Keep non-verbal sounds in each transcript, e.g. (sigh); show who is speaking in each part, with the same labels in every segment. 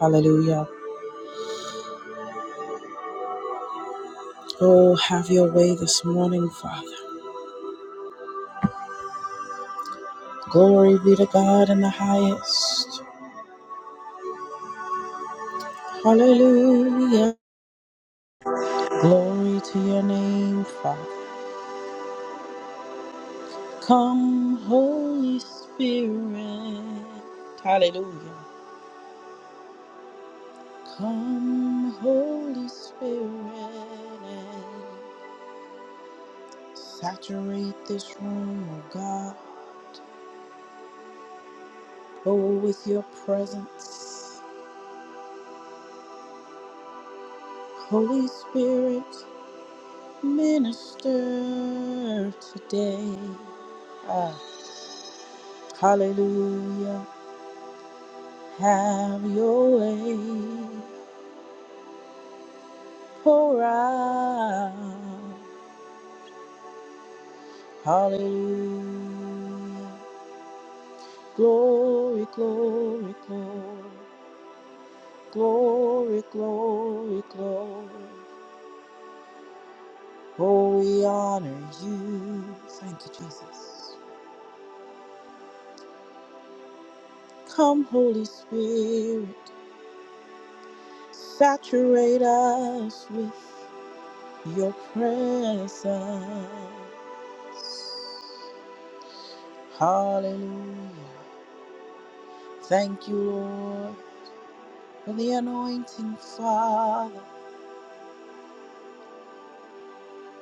Speaker 1: Hallelujah. Oh, have your way this morning, Father. Glory be to God in the highest. Hallelujah. Glory to your name, Father. Come, Holy Spirit. Hallelujah. Come, Holy Spirit. and Saturate this room, oh God. Oh, with your presence. Holy Spirit, Minister today. Ah, hallelujah. Have your way. Pour out. Hallelujah. Glory, glory, glory. Glory, glory, glory. Oh, we honor you. Thank you, Jesus. Come, Holy Spirit, saturate us with your presence. Hallelujah. Thank you, Lord, for the anointing, Father.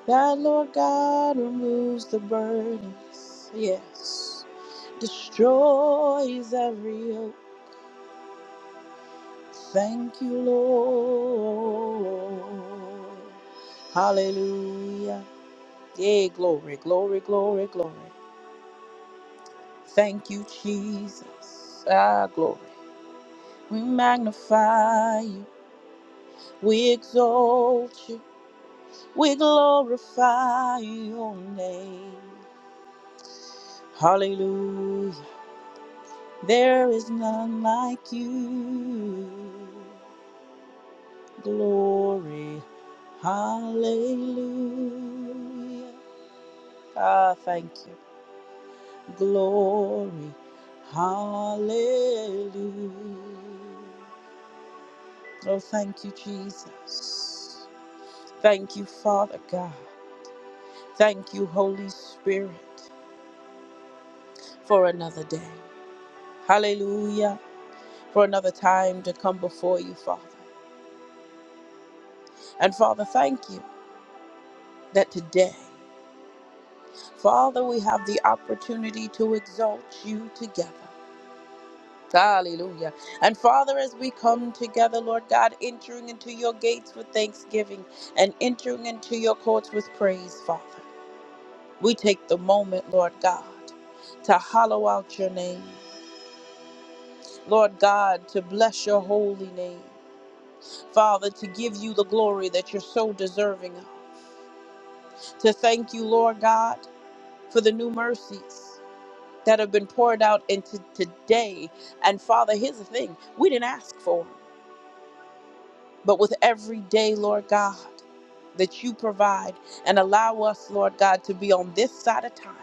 Speaker 1: That, Lord God, removes the burdens. Yes. Destroys every yoke. Thank you, Lord. Hallelujah. Yay, glory, glory, glory, glory. Thank you, Jesus. Ah, glory. We magnify you, we exalt you, we glorify your name. Hallelujah. There is none like you. Glory. Hallelujah. Ah, thank you. Glory. Hallelujah. Oh, thank you, Jesus. Thank you, Father God. Thank you, Holy Spirit, for another day. Hallelujah. For another time to come before you, Father. And Father, thank you that today, Father, we have the opportunity to exalt you together. Hallelujah. And Father, as we come together, Lord God, entering into your gates with thanksgiving and entering into your courts with praise, Father, we take the moment, Lord God, to hollow out your name. Lord God, to bless your holy name. Father, to give you the glory that you're so deserving of. To thank you, Lord God, for the new mercies that have been poured out into today. And Father, here's the thing we didn't ask for, 'em. but with every day, Lord God, that you provide and allow us, Lord God, to be on this side of time.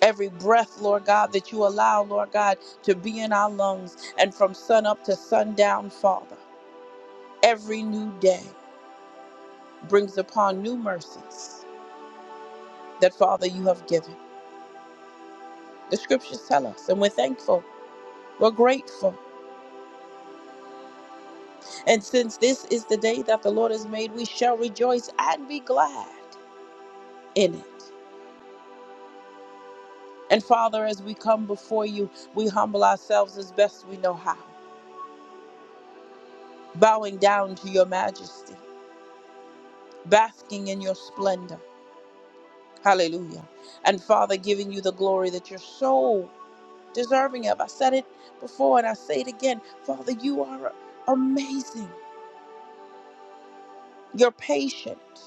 Speaker 1: Every breath, Lord God, that you allow, Lord God, to be in our lungs and from sun up to sundown, Father, every new day brings upon new mercies that, Father, you have given. The scriptures tell us, and we're thankful. We're grateful. And since this is the day that the Lord has made, we shall rejoice and be glad in it. And Father, as we come before you, we humble ourselves as best we know how, bowing down to your majesty, basking in your splendor. Hallelujah. And Father, giving you the glory that you're so deserving of. I said it before and I say it again. Father, you are amazing. You're patient.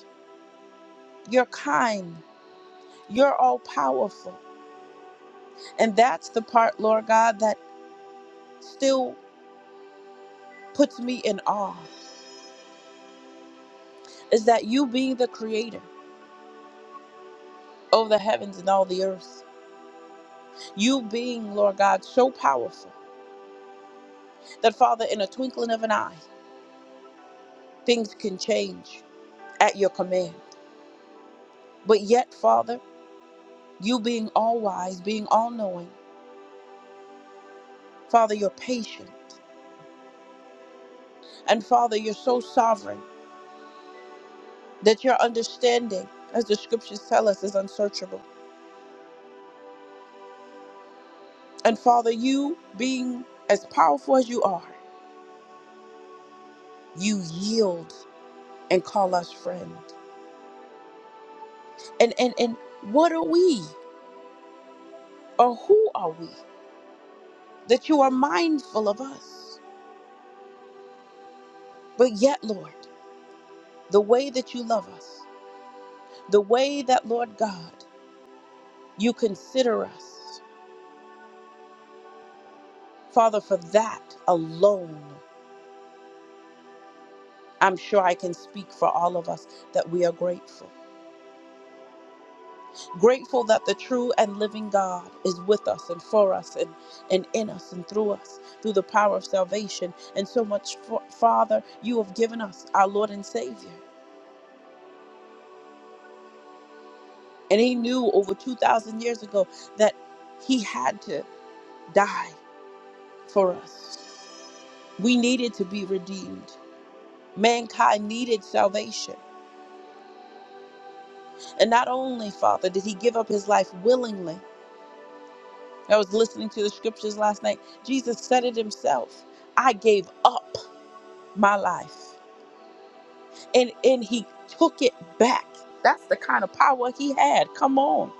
Speaker 1: You're kind. You're all powerful. And that's the part, Lord God, that still puts me in awe is that you being the creator of the heavens and all the earth, you being, Lord God, so powerful that, Father, in a twinkling of an eye, things can change at your command. But yet, Father, you being all wise, being all knowing, Father, you're patient. And Father, you're so sovereign that your understanding, as the scriptures tell us, is unsearchable. And Father, you being as powerful as you are, you yield and call us friend. And and and what are we or who are we that you are mindful of us? But yet, Lord, the way that you love us, the way that Lord God, you consider us. Father, for that alone, I'm sure I can speak for all of us that we are grateful. Grateful that the true and living God is with us and for us and, and in us and through us through the power of salvation. And so much, Fa- Father, you have given us our Lord and Savior. And He knew over 2,000 years ago that He had to die for us. We needed to be redeemed. Mankind needed salvation. And not only, Father, did He give up His life willingly. I was listening to the scriptures last night. Jesus said it Himself I gave up. my life and and he took it back that's the kind of power he had come on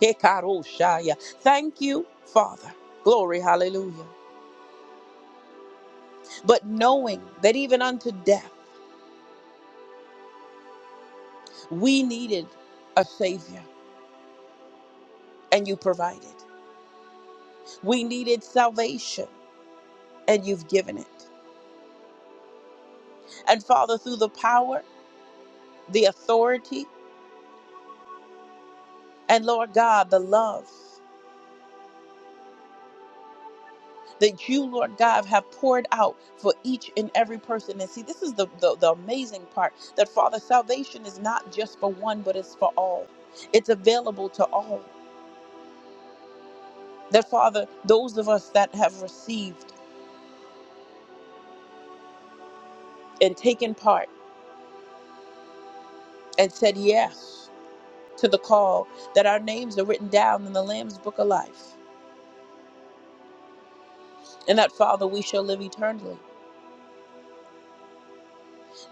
Speaker 1: Kekaroshaya. thank you father glory hallelujah but knowing that even unto death we needed a savior and you provided we needed salvation and you've given it and father through the power the authority and lord god the love that you, Lord God, have poured out for each and every person. And see, this is the, the, the amazing part that, Father, salvation is not just for one, but it's for all. It's available to all. That, Father, those of us that have received and taken part and said yes to the call, that our names are written down in the Lamb's Book of Life, and that, Father, we shall live eternally.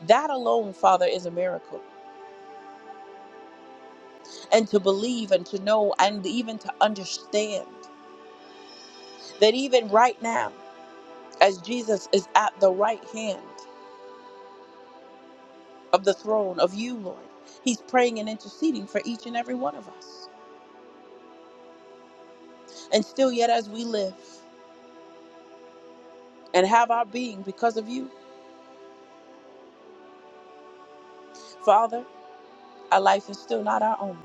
Speaker 1: That alone, Father, is a miracle. And to believe and to know and even to understand that even right now, as Jesus is at the right hand of the throne of you, Lord. He's praying and interceding for each and every one of us. And still, yet, as we live and have our being because of you, Father, our life is still not our own.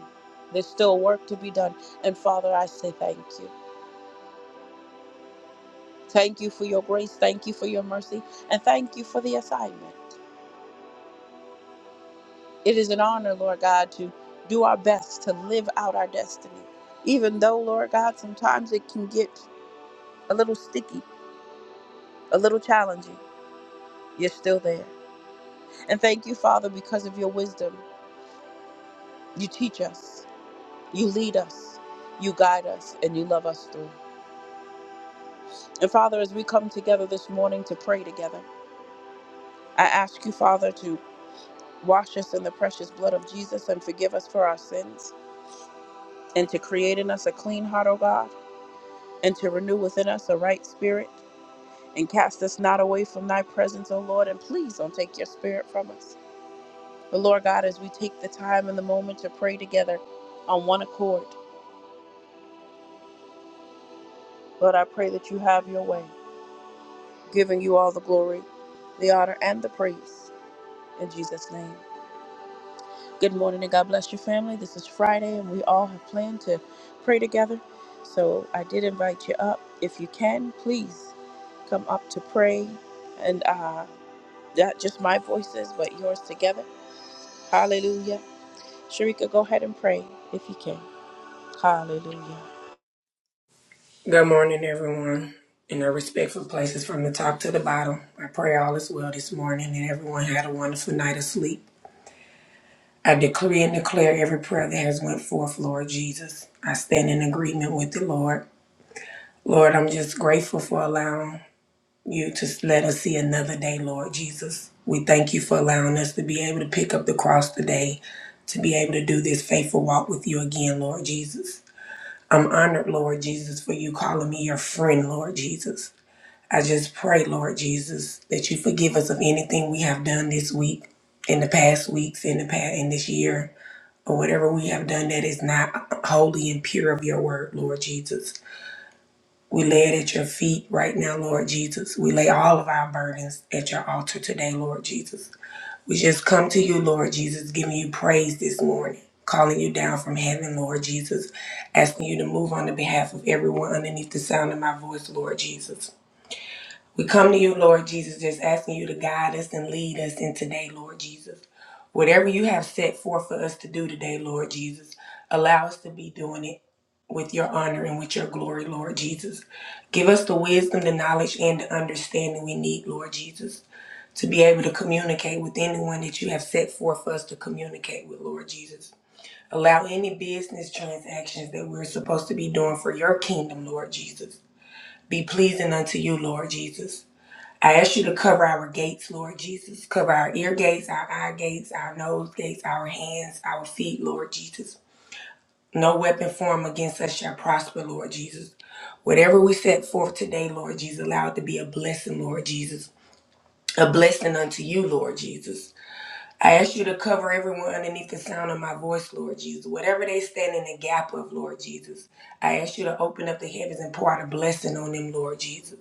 Speaker 1: There's still work to be done. And Father, I say thank you. Thank you for your grace. Thank you for your mercy. And thank you for the assignment. It is an honor, Lord God, to do our best to live out our destiny. Even though, Lord God, sometimes it can get a little sticky a little challenging, you're still there. And thank you, Father, because of your wisdom. You teach us, you lead us, you guide us, and you love us through. And Father, as we come together this morning to pray together, I ask you, Father, to wash us in the precious blood of Jesus and forgive us for our sins, and to create in us a clean heart, O God, and to renew within us a right spirit, and cast us not away from thy presence, O Lord, and please don't take your spirit from us. But Lord God, as we take the time and the moment to pray together on one accord, Lord, I pray that you have your way, giving you all the glory, the honor, and the praise in Jesus' name. Good morning and God bless your family. This is Friday and we all have planned to pray together. So I did invite you up. If you can, please come up to pray and uh, not just my voices, but yours together. Hallelujah. Sharika, go ahead and pray if you can. Hallelujah.
Speaker 2: Good morning, everyone. In their respectful places from the top to the bottom, I pray all is well this morning and everyone had a wonderful night of sleep. I decree and declare every prayer that has went forth, Lord Jesus. I stand in agreement with the Lord. Lord, I'm just grateful for allowing you to let us see another day, Lord Jesus. We thank you for allowing us to be able to pick up the cross today, to be able to do this faithful walk with you again, Lord Jesus. I'm honored, Lord Jesus, for you calling me your friend, Lord Jesus. I just pray, Lord Jesus, that you forgive us of anything we have done this week, in the past weeks, in the past, in this year, or whatever we have done that is not holy and pure of your word, Lord Jesus. We lay it at your feet right now, Lord Jesus. We lay all of our burdens at your altar today, Lord Jesus. We just come to you, Lord Jesus, giving you praise this morning, calling you down from heaven, Lord Jesus, asking you to move on the behalf of everyone underneath the sound of my voice, Lord Jesus. We come to you, Lord Jesus, just asking you to guide us and lead us in today, Lord Jesus. Whatever you have set forth for us to do today, Lord Jesus, allow us to be doing it with your honor and with your glory, Lord Jesus. Give us the wisdom, the knowledge, and the understanding we need, Lord Jesus, to be able to communicate with anyone that you have set forth for us to communicate with, Lord Jesus. Allow any business transactions that we're supposed to be doing for your kingdom, Lord Jesus, be pleasing unto you, Lord Jesus. I ask you to cover our gates, Lord Jesus. Cover our ear gates, our eye gates, our nose gates, our hands, our feet, Lord Jesus. No weapon formed against us shall prosper, Lord Jesus. Whatever we set forth today, Lord Jesus, allow it to be a blessing, Lord Jesus. A blessing unto you, Lord Jesus. I ask you to cover everyone underneath the sound of my voice, Lord Jesus. Whatever they stand in the gap of, Lord Jesus, I ask you to open up the heavens and pour out a blessing on them, Lord Jesus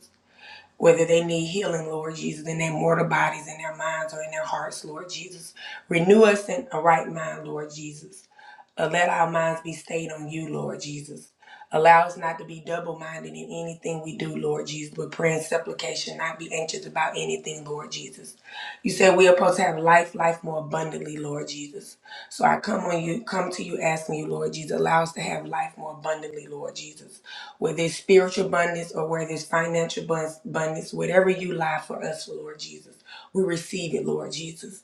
Speaker 2: whether they need healing, Lord Jesus, in their mortal bodies, in their minds, or in their hearts, Lord Jesus. Renew us in a right mind, Lord Jesus. Uh, let our minds be stayed on you, Lord Jesus. Allow us not to be double minded in anything we do, Lord Jesus, but prayer and supplication, not be anxious about anything, Lord Jesus. You said we are supposed to have life, life more abundantly, Lord Jesus. So I come on you, come to you asking you, Lord Jesus, allow us to have life more abundantly, Lord Jesus. Whether it's spiritual abundance or whether it's financial abun- abundance, whatever you lie for us, Lord Jesus, we receive it, Lord Jesus.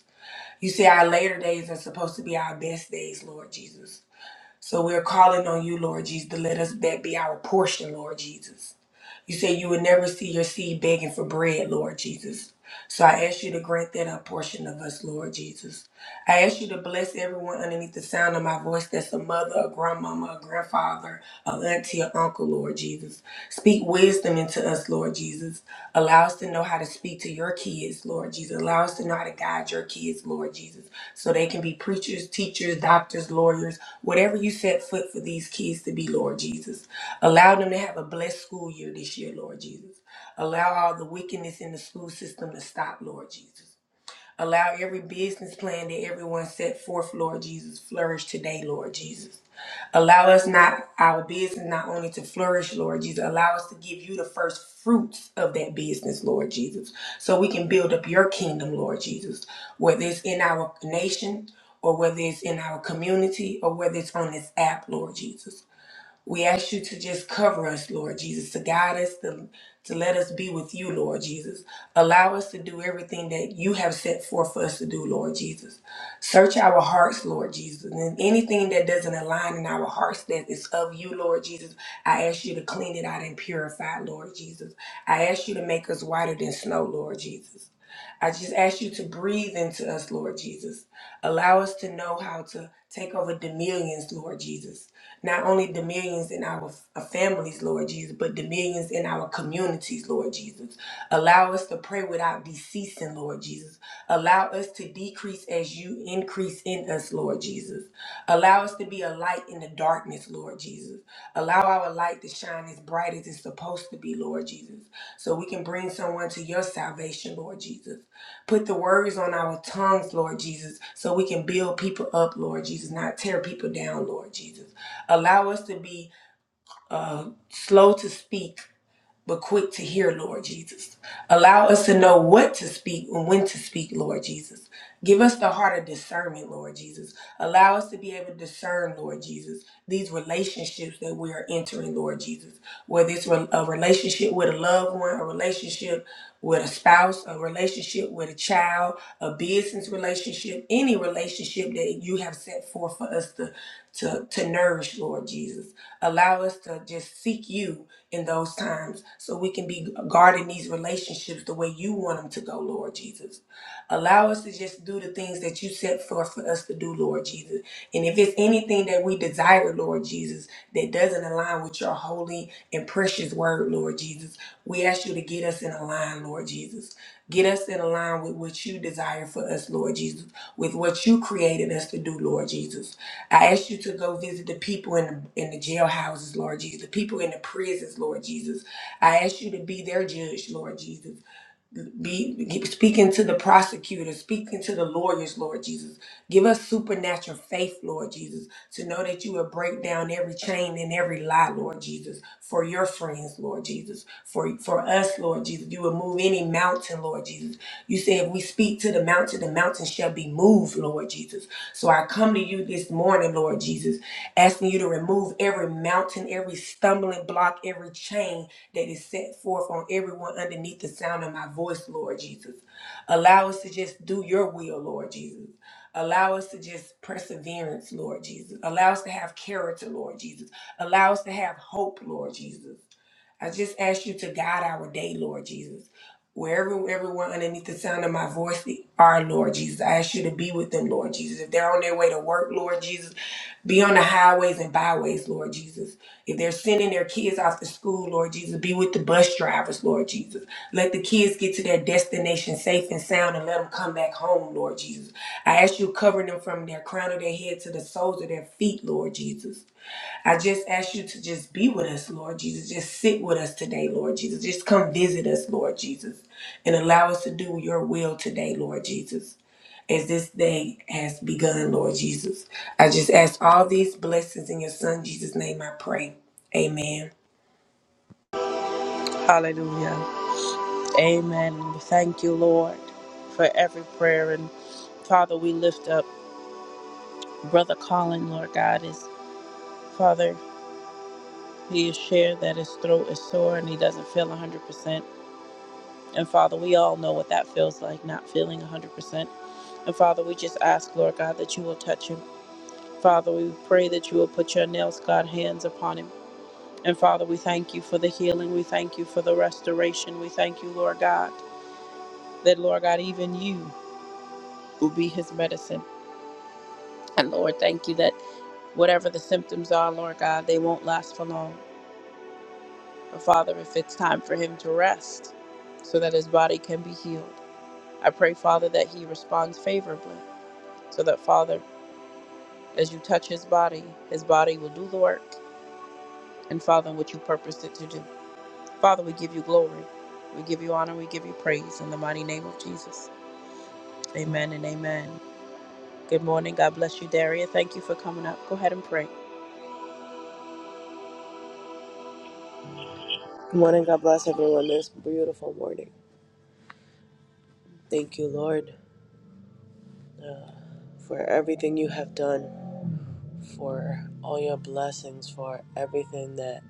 Speaker 2: You say our later days are supposed to be our best days, Lord Jesus. So we're calling on you, Lord Jesus, to let us that be our portion, Lord Jesus. You say you would never see your seed begging for bread, Lord Jesus. So I ask you to grant that a portion of us, Lord Jesus. I ask you to bless everyone underneath the sound of my voice that's a mother, a grandmama, a grandfather, a auntie, or uncle, Lord Jesus. Speak wisdom into us, Lord Jesus. Allow us to know how to speak to your kids, Lord Jesus. Allow us to know how to guide your kids, Lord Jesus, so they can be preachers, teachers, doctors, lawyers, whatever you set foot for these kids to be, Lord Jesus. Allow them to have a blessed school year this year, Lord Jesus. Allow all the wickedness in the school system to stop, Lord Jesus. Allow every business plan that everyone set forth, Lord Jesus, flourish today, Lord Jesus. Allow us not our business not only to flourish, Lord Jesus, allow us to give you the first fruits of that business, Lord Jesus, so we can build up your kingdom, Lord Jesus, whether it's in our nation or whether it's in our community or whether it's on this app, Lord Jesus. We ask you to just cover us, Lord Jesus, to guide us, to, to let us be with you, Lord Jesus. Allow us to do everything that you have set forth for us to do, Lord Jesus. Search our hearts, Lord Jesus. And anything that doesn't align in our hearts that is of you, Lord Jesus, I ask you to clean it out and purify, Lord Jesus. I ask you to make us whiter than snow, Lord Jesus. I just ask you to breathe into us, Lord Jesus. Allow us to know how to take over dominions, Lord Jesus. Not only dominions in our f- uh, families, Lord Jesus, but dominions in our communities, Lord Jesus. Allow us to pray without deceasing, Lord Jesus. Allow us to decrease as you increase in us, Lord Jesus. Allow us to be a light in the darkness, Lord Jesus. Allow our light to shine as bright as it's supposed to be, Lord Jesus, so we can bring someone to your salvation, Lord Jesus. Put the words on our tongues, Lord Jesus, so we can build people up, Lord Jesus, not tear people down, Lord Jesus. Allow us to be uh, slow to speak but quick to hear, Lord Jesus. Allow us to know what to speak and when to speak, Lord Jesus. Give us the heart of discernment, Lord Jesus. Allow us to be able to discern, Lord Jesus, these relationships that we are entering, Lord Jesus. Whether it's a relationship with a loved one, a relationship with a spouse, a relationship with a child, a business relationship, any relationship that you have set forth for us to, to, to nourish, Lord Jesus. Allow us to just seek you in those times so we can be guarding these relationships the way you want them to go, Lord Jesus. Allow us to just do the things that you set forth for us to do, Lord Jesus. And if it's anything that we desire, Lord Jesus, that doesn't align with your holy and precious word, Lord Jesus, we ask you to get us in a line, Lord Jesus. Get us in a line with what you desire for us, Lord Jesus, with what you created us to do, Lord Jesus. I ask you to go visit the people in the, in the jailhouses, Lord Jesus, the people in the prisons, Lord Jesus. I ask you to be their judge, Lord Jesus be speaking to the prosecutor, speaking to the lawyers, Lord Jesus. Give us supernatural faith, Lord Jesus, to know that you will break down every chain and every lie, Lord Jesus, for your friends, Lord Jesus, for for us, Lord Jesus. You will move any mountain, Lord Jesus. You say if we speak to the mountain, the mountain shall be moved, Lord Jesus. So I come to you this morning, Lord Jesus, asking you to remove every mountain, every stumbling block, every chain that is set forth on everyone underneath the sound of my voice, Lord Jesus. Allow us to just do your will, Lord Jesus. Allow us to just perseverance, Lord Jesus. Allow us to have character, Lord Jesus. Allow us to have hope, Lord Jesus. I just ask you to guide our day, Lord Jesus. Wherever everyone underneath the sound of my voice are, Lord Jesus, I ask you to be with them, Lord Jesus. If they're on their way to work, Lord Jesus, be on the highways and byways, Lord Jesus. If they're sending their kids off to school, Lord Jesus, be with the bus drivers, Lord Jesus. Let the kids get to their destination safe and sound and let them come back home, Lord Jesus. I ask you to cover them from their crown of their head to the soles of their feet, Lord Jesus. I just ask you to just be with us, Lord Jesus. Just sit with us today, Lord Jesus. Just come visit us, Lord Jesus, and allow us to do your will today, Lord Jesus, as this day has begun, Lord Jesus. I just ask all these blessings in your Son, Jesus' name, I pray. Amen.
Speaker 1: Hallelujah. Amen. Thank you, Lord, for every prayer. And Father, we lift up Brother Colin, Lord God, is Father, he is shared that his throat is sore and he doesn't feel 100%. And Father, we all know what that feels like, not feeling 100%. And Father, we just ask, Lord God, that you will touch him. Father, we pray that you will put your nails, God, hands upon him. And Father, we thank you for the healing. We thank you for the restoration. We thank you, Lord God, that, Lord God, even you will be his medicine. And Lord, thank you that whatever the symptoms are, Lord God, they won't last for long. But Father, if it's time for him to rest so that his body can be healed, I pray, Father, that he responds favorably so that, Father, as you touch his body, his body will do the work and, Father, what you purposed it to do. Father, we give you glory. We give you honor. We give you praise in the mighty name of Jesus. Amen and amen. Good morning. God bless you, Daria. Thank you for coming up. Go ahead and pray.
Speaker 3: Good morning. God bless everyone this beautiful morning. Thank you, Lord, for everything you have done, for all your blessings, for everything that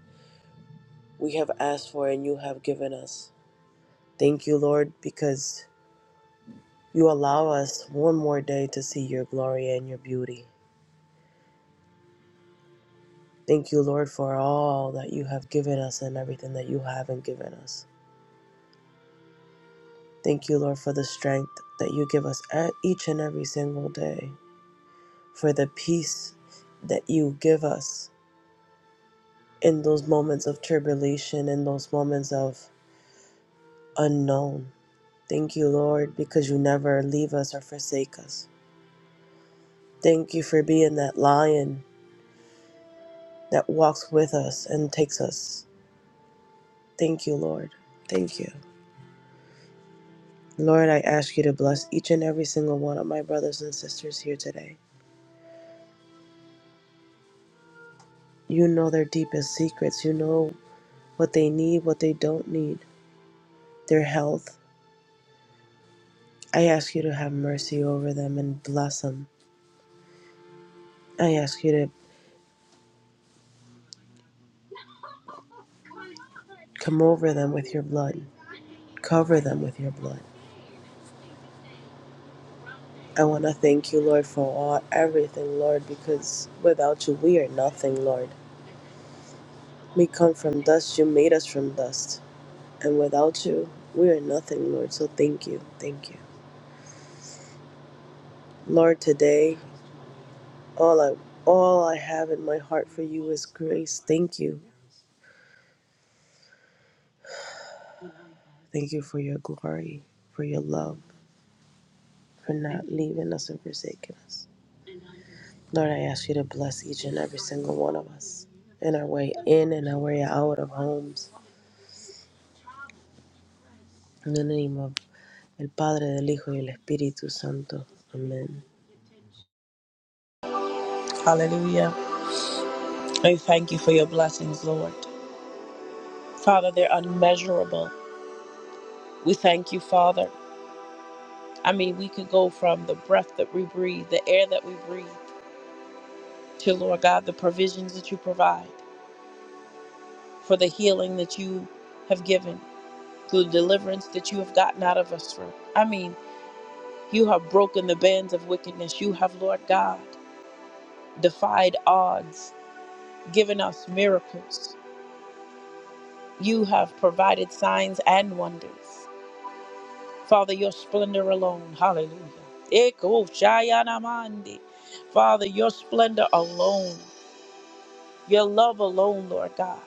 Speaker 3: we have asked for and you have given us. Thank you, Lord, because you allow us one more day to see your glory and your beauty. Thank you, Lord, for all that you have given us and everything that you haven't given us. Thank you, Lord, for the strength that you give us e- each and every single day, for the peace that you give us in those moments of tribulation, in those moments of unknown. Thank you, Lord, because you never leave us or forsake us. Thank you for being that lion that walks with us and takes us. Thank you, Lord. Thank you. Lord, I ask you to bless each and every single one of my brothers and sisters here today. You know their deepest secrets. You know what they need, what they don't need, their health. I ask you to have mercy over them and bless them. I ask you to come over them with your blood. Cover them with your blood. I want to thank you, Lord, for all, everything, Lord, because without you, we are nothing, Lord. We come from dust. You made us from dust. And without you, we are nothing, Lord. So thank you. Thank you. Lord, today, all I, all I have in my heart for you is grace. Thank you. Thank you for your glory, for your love, for not leaving us and forsaking us. Lord, I ask you to bless each and every single one of us in our way in and our way out of homes En el nombre del Padre, del Hijo y del Espíritu Santo. Amén.
Speaker 1: Hallelujah. I thank you for your blessings, Lord. Father, they're unmeasurable. We thank you, Father. I mean, we could go from the breath that we breathe, the air that we breathe, to Lord God, the provisions that you provide, for the healing that you have given, through the deliverance that you have gotten out of us from. I mean, you have broken the bands of wickedness. You have, Lord God, defied odds, given us miracles. You have provided signs and wonders. Father, your splendor alone. Hallelujah. Eko shayanamandi. Father, your splendor alone, your love alone, Lord God,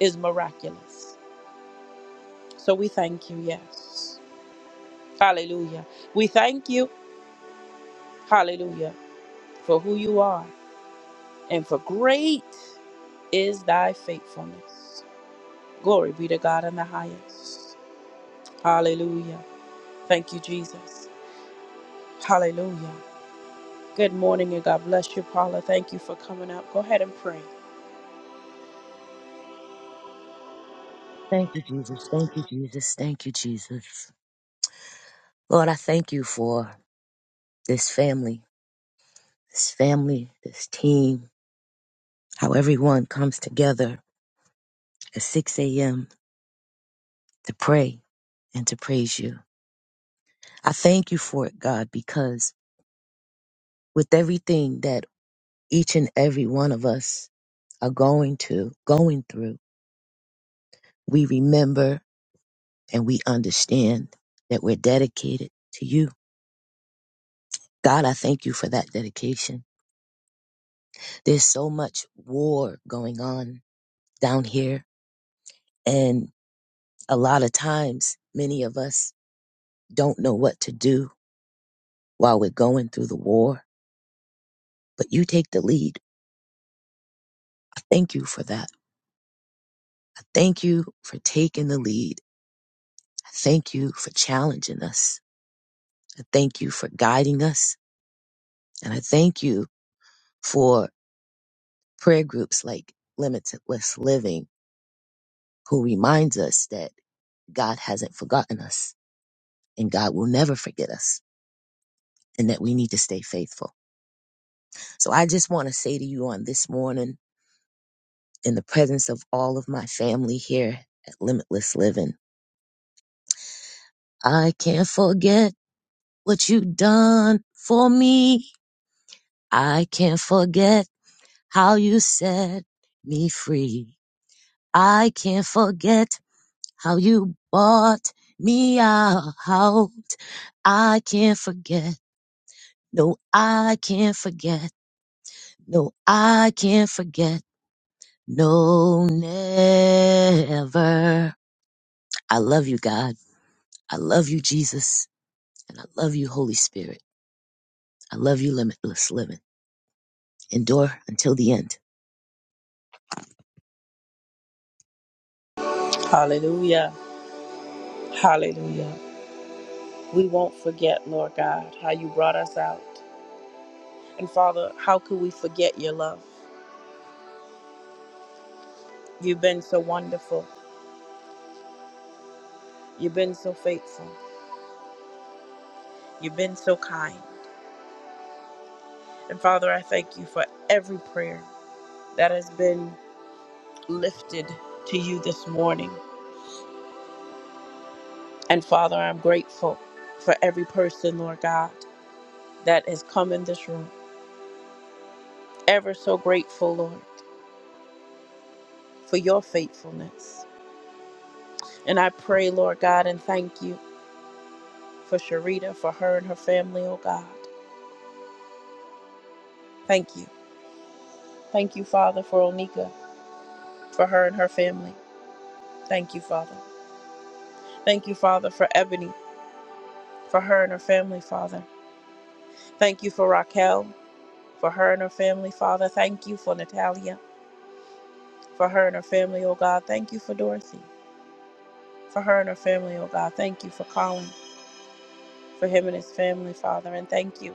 Speaker 1: is miraculous. So we thank you, yes. Hallelujah. We thank you, hallelujah, for who you are and for great is thy faithfulness. Glory be to God in the highest. Hallelujah. Thank you, Jesus. Hallelujah. Good morning and God bless you, Paula. Thank you for coming up. Go ahead and pray.
Speaker 4: Thank you, Jesus. Thank you, Jesus. Thank you, Jesus. Lord, I thank you for this family, this family, this team, how everyone comes together at 6 a.m. to pray and to praise you. I thank you for it, God, because with everything that each and every one of us are going to, going through, we remember and we understand that we're dedicated to you. God, I thank you for that dedication. There's so much war going on down here. And a lot of times, many of us don't know what to do while we're going through the war, but you take the lead. I Thank you for that. I Thank you for taking the lead. I Thank you for challenging us. I Thank you for guiding us. And I thank you for prayer groups like Limitless Living, who reminds us that God hasn't forgotten us and God will never forget us and that we need to stay faithful. So I just want to say to you on this morning, in the presence of all of my family here at Limitless Living. I can't forget what you done for me. I can't forget how you set me free. I can't forget how you bought me out. I can't forget. No, I can't forget. No, I can't forget. No, never. I love you, God. I love you, Jesus. And I love you, Holy Spirit. I love you, Limitless Living. Endure until the end.
Speaker 1: Hallelujah. Hallelujah. We won't forget, Lord God, how you brought us out. And Father, how could we forget your love? You've been so wonderful. You've been so faithful. You've been so kind. And Father, I thank you for every prayer that has been lifted to you this morning. And Father, I'm grateful for every person, Lord God, that has come in this room. Ever so grateful, Lord, for your faithfulness. And I pray, Lord God, and thank you for Sharita, for her and her family, oh God. Thank you. Thank you, Father, for Onika, for her and her family. Thank you, Father. Thank you, Father, for Ebony, for her and her family, Father. Thank you for Raquel, for her and her family, Father. Thank you for Natalia, for her and her family, oh God. Thank you for Dorothy, for her and her family, oh God. Thank you for Colin, for him and his family, Father. And thank you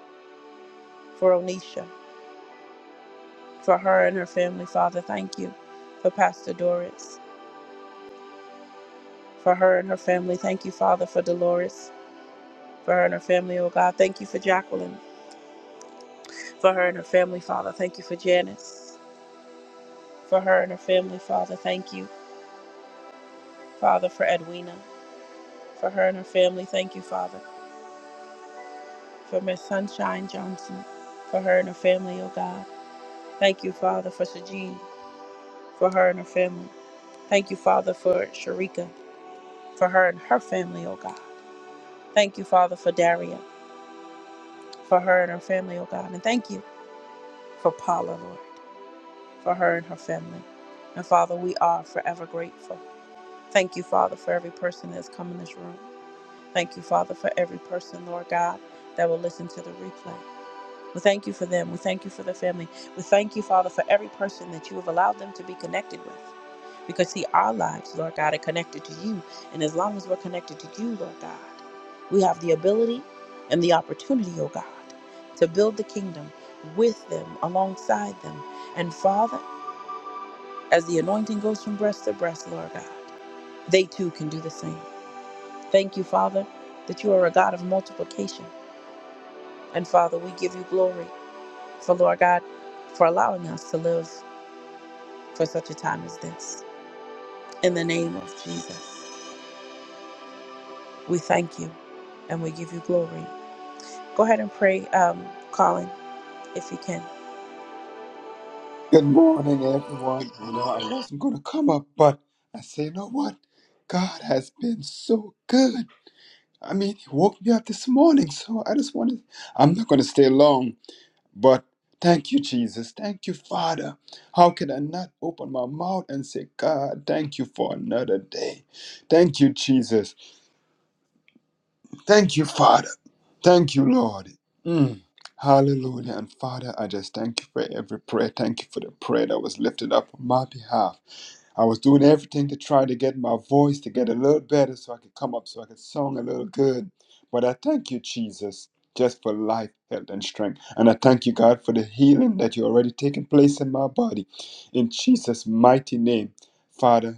Speaker 1: for Onisha, for her and her family, Father. Thank you for Pastor Doris. for her and her family. Thank you, Father, for Dolores, for her and her family, oh God. Thank you for Jacqueline, for her and her family, Father. Thank you for Janice, for her and her family, Father. Thank you, Father, for Edwina, for her and her family. Thank you, Father, for Miss Sunshine Johnson, for her and her family, oh God. Thank you, Father, for Sajid, for her and her family. Thank you, Father, for Sharika, for her and her family, oh God. Thank you, Father, for Daria, for her and her family, oh God. And thank you for Paula, Lord. for her and her family. And Father, we are forever grateful. Thank you, Father, for every person that's come in this room. Thank you, Father, for every person, Lord God, that will listen to the replay. We thank you for them. We thank you for the family. We thank you, Father, for every person that you have allowed them to be connected with. Because, see, our lives, Lord God, are connected to you. And as long as we're connected to you, Lord God, we have the ability and the opportunity, oh God, to build the kingdom with them, alongside them. And, Father, as the anointing goes from breast to breast, Lord God, they too can do the same. Thank you, Father, that you are a God of multiplication. And Father, we give you glory for, Lord God, for allowing us to live for such a time as this. In the name of Jesus, we thank you and we give you glory. Go ahead and pray, um, Colin, if you can.
Speaker 5: Good morning, everyone. You know, I wasn't going to come up, but I say, you know what? God has been so good. I mean, He woke me up this morning, so I just wanted, I'm not going to stay long, but thank you, Jesus. Thank you, Father. How can I not open my mouth and say, God, thank you for another day? Thank you, Jesus. Thank you, Father. Thank you, Lord. Mm. Hallelujah. And Father, I just thank you for every prayer. Thank you for the prayer that was lifted up on my behalf. I was doing everything to try to get my voice to get a little better so I could come up, so I could song a little good. But I thank you, Jesus, just for life, health, and strength. And I thank you, God, for the healing that you already taken place in my body. In Jesus' mighty name, Father.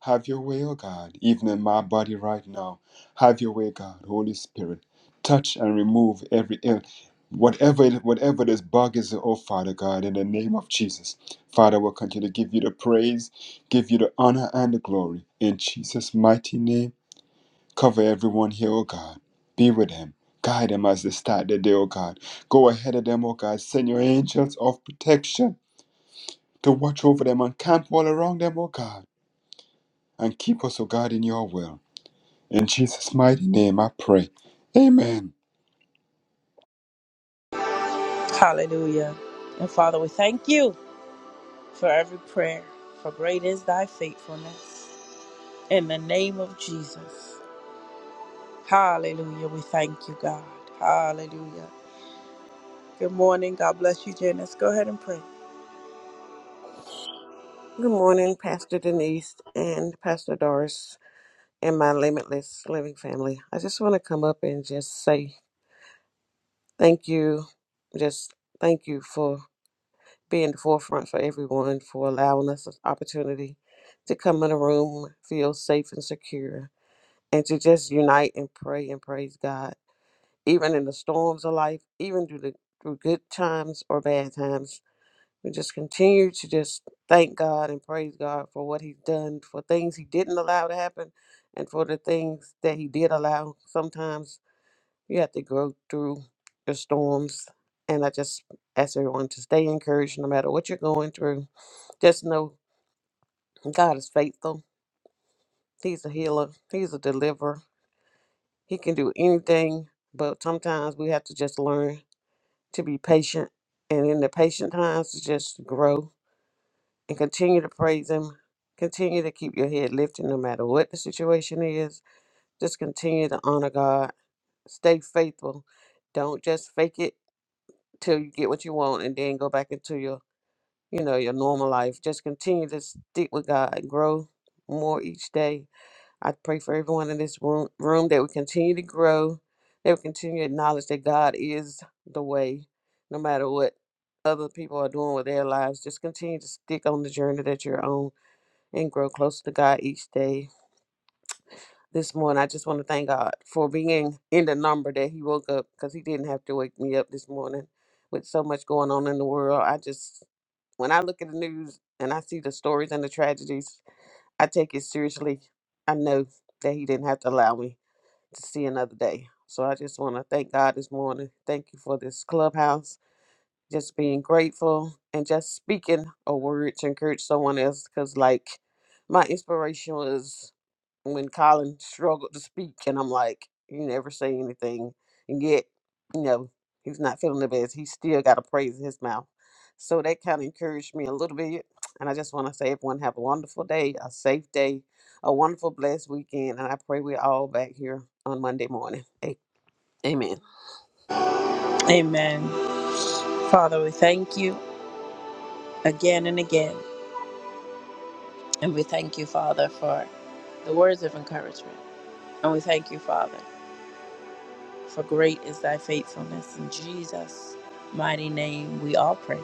Speaker 5: Have your way, O God, even in my body right now. Have your way, God, Holy Spirit. Touch and remove every ill, whatever it, whatever this bug is, oh Father God, in the name of Jesus. Father, we'll continue to give you the praise, give you the honor and the glory. In Jesus' mighty name, cover everyone here, oh God. Be with them. Guide them as they start their day, oh God. Go ahead of them, oh God. Send your angels of protection to watch over them and camp all around them, oh God. And keep us, oh God, in your will. In Jesus' mighty name, I pray. Amen.
Speaker 1: Hallelujah. And Father, we thank you for every prayer, for great is thy faithfulness. In the name of Jesus. Hallelujah. We thank you, God. Hallelujah. Good morning. God bless you, Janice. Go ahead and pray.
Speaker 6: Good morning, Pastor Denise and Pastor Doris and my Limitless Living family. I just want to come up and just say thank you. Just thank you for being the forefront for everyone, for allowing us this opportunity to come in a room, feel safe and secure, and to just unite and pray and praise God. Even in the storms of life, even through the through good times or bad times, We just continue to just thank God and praise God for what He's done, for things He didn't allow to happen, and for the things that He did allow. Sometimes you have to go through the storms. And I just ask everyone to stay encouraged no matter what you're going through. Just know God is faithful. He's a healer, He's a deliverer. He can do anything, but sometimes we have to just learn to be patient. And in the patient times, to just grow and continue to praise Him. Continue to keep your head lifted no matter what the situation is. Just continue to honor God. Stay faithful. Don't just fake it till you get what you want and then go back into your, you know, your normal life. Just continue to stick with God and grow more each day. I pray for everyone in this room, room that we continue to grow, that we continue to acknowledge that God is the way, no matter what other people are doing with their lives. Just continue to stick on the journey that you're on and grow closer to God each day. This morning, I just want to thank God for being in the number that He woke up because He didn't have to wake me up this morning with so much going on in the world. I just, when I look at the news and I see the stories and the tragedies, I take it seriously. I know that He didn't have to allow me to see another day. So I just want to thank God this morning. Thank you for this clubhouse just being grateful and just speaking a word to encourage someone else because like my inspiration was when colin struggled to speak and i'm like you never say anything and yet you know he's not feeling the best he still got a praise in his mouth so that kind of encouraged me a little bit and i just want to say everyone have a wonderful day a safe day a wonderful blessed weekend and i pray we're all back here on monday morning A- amen
Speaker 1: Amen. Father, we thank you again and again. And we thank you, Father, for the words of encouragement. And we thank you, Father, for great is thy faithfulness. In Jesus' mighty name, we all pray.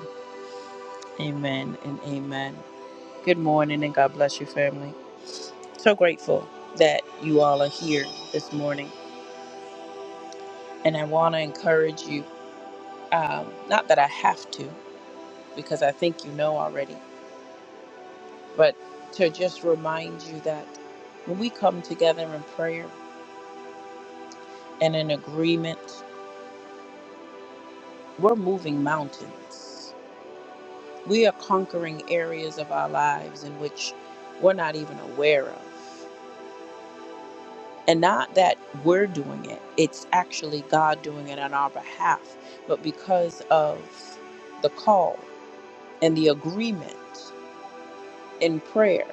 Speaker 1: Amen and amen. Good morning, and God bless you, family. So grateful that you all are here this morning. And I want to encourage you. Um, not that I have to, because I think you know already, but to just remind you that when we come together in prayer and in agreement, we're moving mountains. We are conquering areas of our lives in which we're not even aware of. And not that we're doing it, it's actually God doing it on our behalf, but because of the call and the agreement. in prayer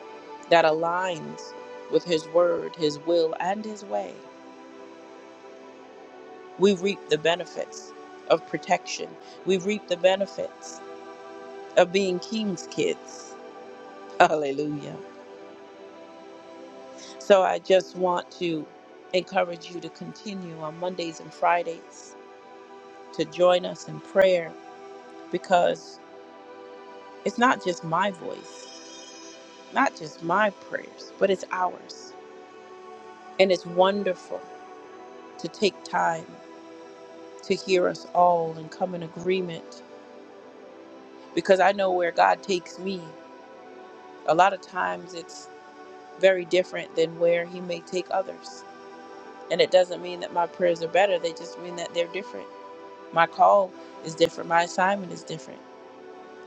Speaker 1: that aligns with His word, His will, and His way, we reap the benefits of protection. We reap the benefits of being King's kids. (laughs) Hallelujah. So I just want to encourage you to continue on Mondays and Fridays to join us in prayer because it's not just my voice, not just my prayers, but it's ours. And it's wonderful to take time to hear us all and come in agreement because I know where God takes me. A lot of times it's very different than where He may take others. And it doesn't mean that my prayers are better, they just mean that they're different. My call is different, my assignment is different.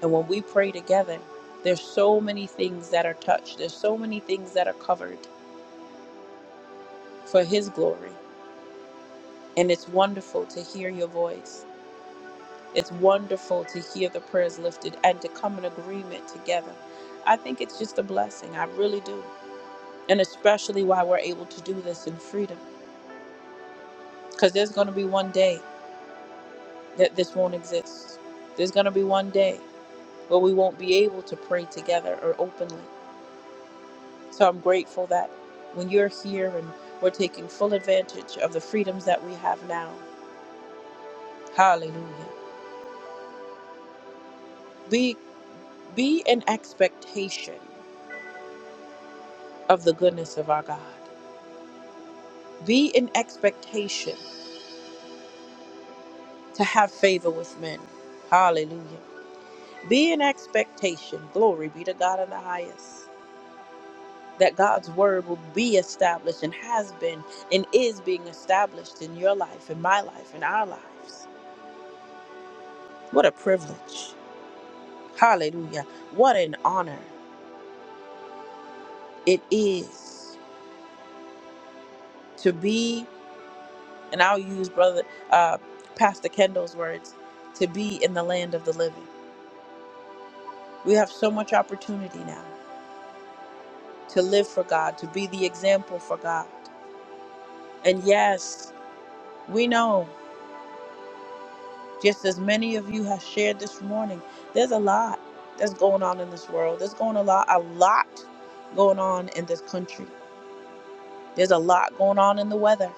Speaker 1: And when we pray together, there's so many things that are touched, there's so many things that are covered for His glory. And it's wonderful to hear your voice. It's wonderful to hear the prayers lifted and to come in agreement together. I think it's just a blessing. I really do. And especially why we're able to do this in freedom. Because there's going to be one day that this won't exist. There's going to be one day where we won't be able to pray together or openly. So I'm grateful that when you're here and we're taking full advantage of the freedoms that we have now. Hallelujah. Be be in expectation of the goodness of our God. Be in expectation to have favor with men. Hallelujah. Be in expectation. Glory be to God in the highest. That God's word will be established and has been and is being established in your life, in my life, in our lives. What a privilege. Hallelujah. What an honor it is to be, and I'll use brother uh, Pastor Kendall's words, to be in the land of the living. We have so much opportunity now to live for God, to be the example for God. And yes, we know, just as many of you have shared this morning, there's a lot that's going on in this world. There's going a lot, a lot going on in this country. There's a lot going on in the weather.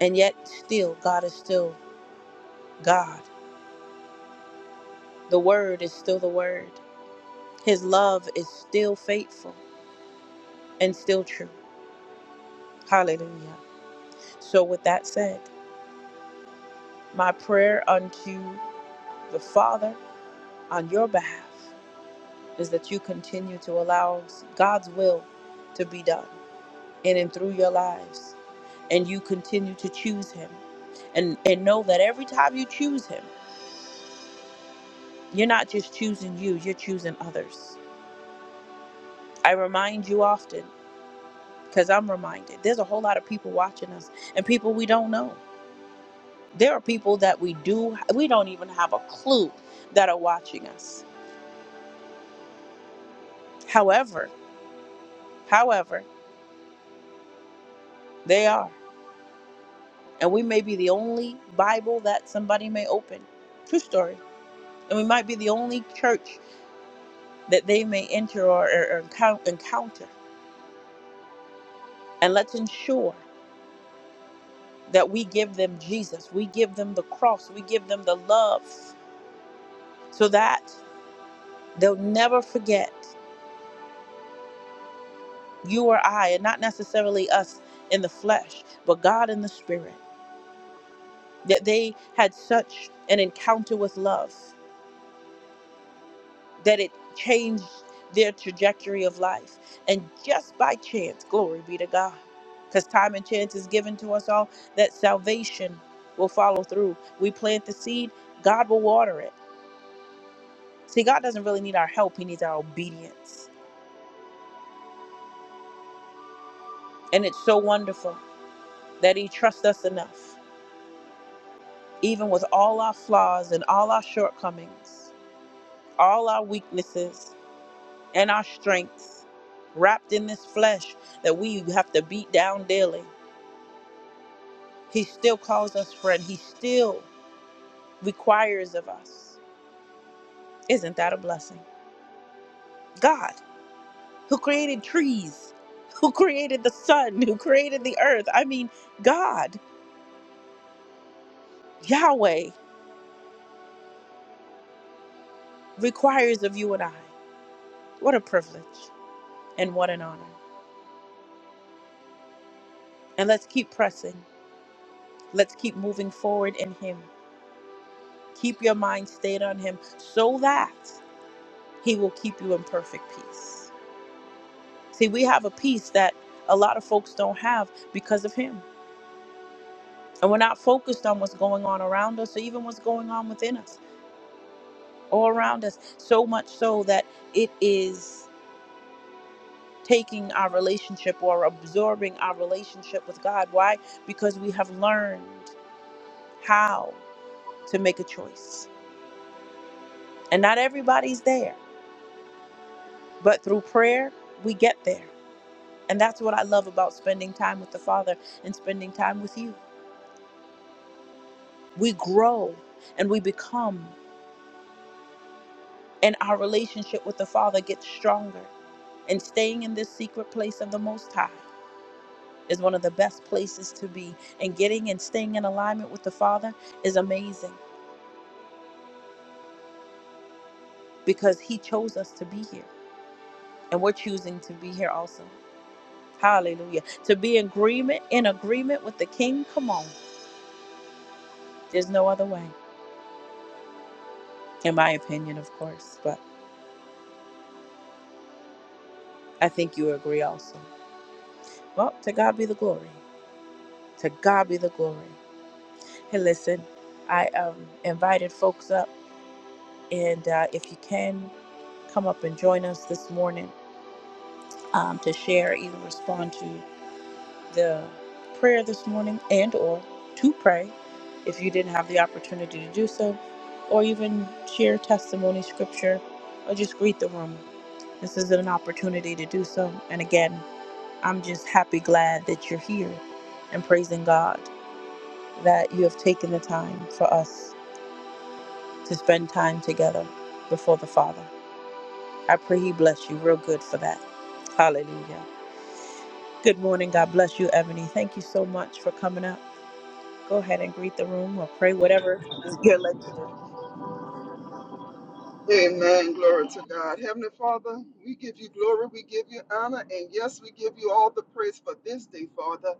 Speaker 1: And yet still, God is still God. The word is still the word. His love is still faithful and still true. Hallelujah. So with that said, my prayer unto the Father on your behalf is that you continue to allow God's will to be done in and through your lives and you continue to choose him and and know that every time you choose him you're not just choosing you you're choosing others i remind you often because i'm reminded there's a whole lot of people watching us and people we don't know there are people that we do we don't even have a clue that are watching us however however they are and we may be the only Bible that somebody may open. True story. And we might be the only church that they may enter or, or, encou- encounter. And let's ensure that we give them Jesus, we give them the cross, we give them the love so that they'll never forget you or I, and not necessarily us in the flesh, but God in the spirit, that they had such an encounter with love. that it changed their trajectory of life. And just by chance, glory be to God, because time and chance is given to us all, that salvation will follow through. We plant the seed, God will water it. See, God doesn't really need our help, He needs our obedience. And it's so wonderful that He trusts us enough, even with all our flaws and all our shortcomings, all our weaknesses and our strengths wrapped in this flesh that we have to beat down daily He still calls us friend. He still requires of us. Isn't that a blessing? God, who created trees, who created the sun, who created the earth. I mean, God, Yahweh, requires of you and I. What a privilege and what an honor. And let's keep pressing. Let's keep moving forward in Him. Keep your mind stayed on Him so that He will keep you in perfect peace. See, we have a peace that a lot of folks don't have because of Him and we're not focused on what's going on around us or even what's going on within us or around us so much so that it is taking our relationship or absorbing our relationship with god why because we have learned how to make a choice and not everybody's there but through prayer we get there and that's what i love about spending time with the father and spending time with you we grow and we become and our relationship with the father gets stronger And staying in this secret place of the Most High is one of the best places to be. And getting and staying in alignment with the Father is amazing because He chose us to be here. And we're choosing to be here also. Hallelujah. To be in agreement in agreement with the King, come on. There's no other way. In my opinion, of course. But I think you agree also. Well, to God be the glory. To God be the glory. Hey, listen, I um, invited folks up, and uh, if you can come up and join us this morning um, to share, either respond to the prayer this morning and or to pray if you didn't have the opportunity to do so, or even share testimony, scripture, or just greet the room. This is an opportunity to do so. And again, I'm just happy, glad that you're here and praising God that you have taken the time for us to spend time together before the Father. I pray He bless you real good for that. Hallelujah. Good morning. God bless you, Ebony. Thank you so much for coming up. Go ahead and greet the room or pray whatever you're led to do.
Speaker 7: Amen. Glory to God. Heavenly Father, we give you glory, we give you honor, and yes, we give you all the praise for this day, Father.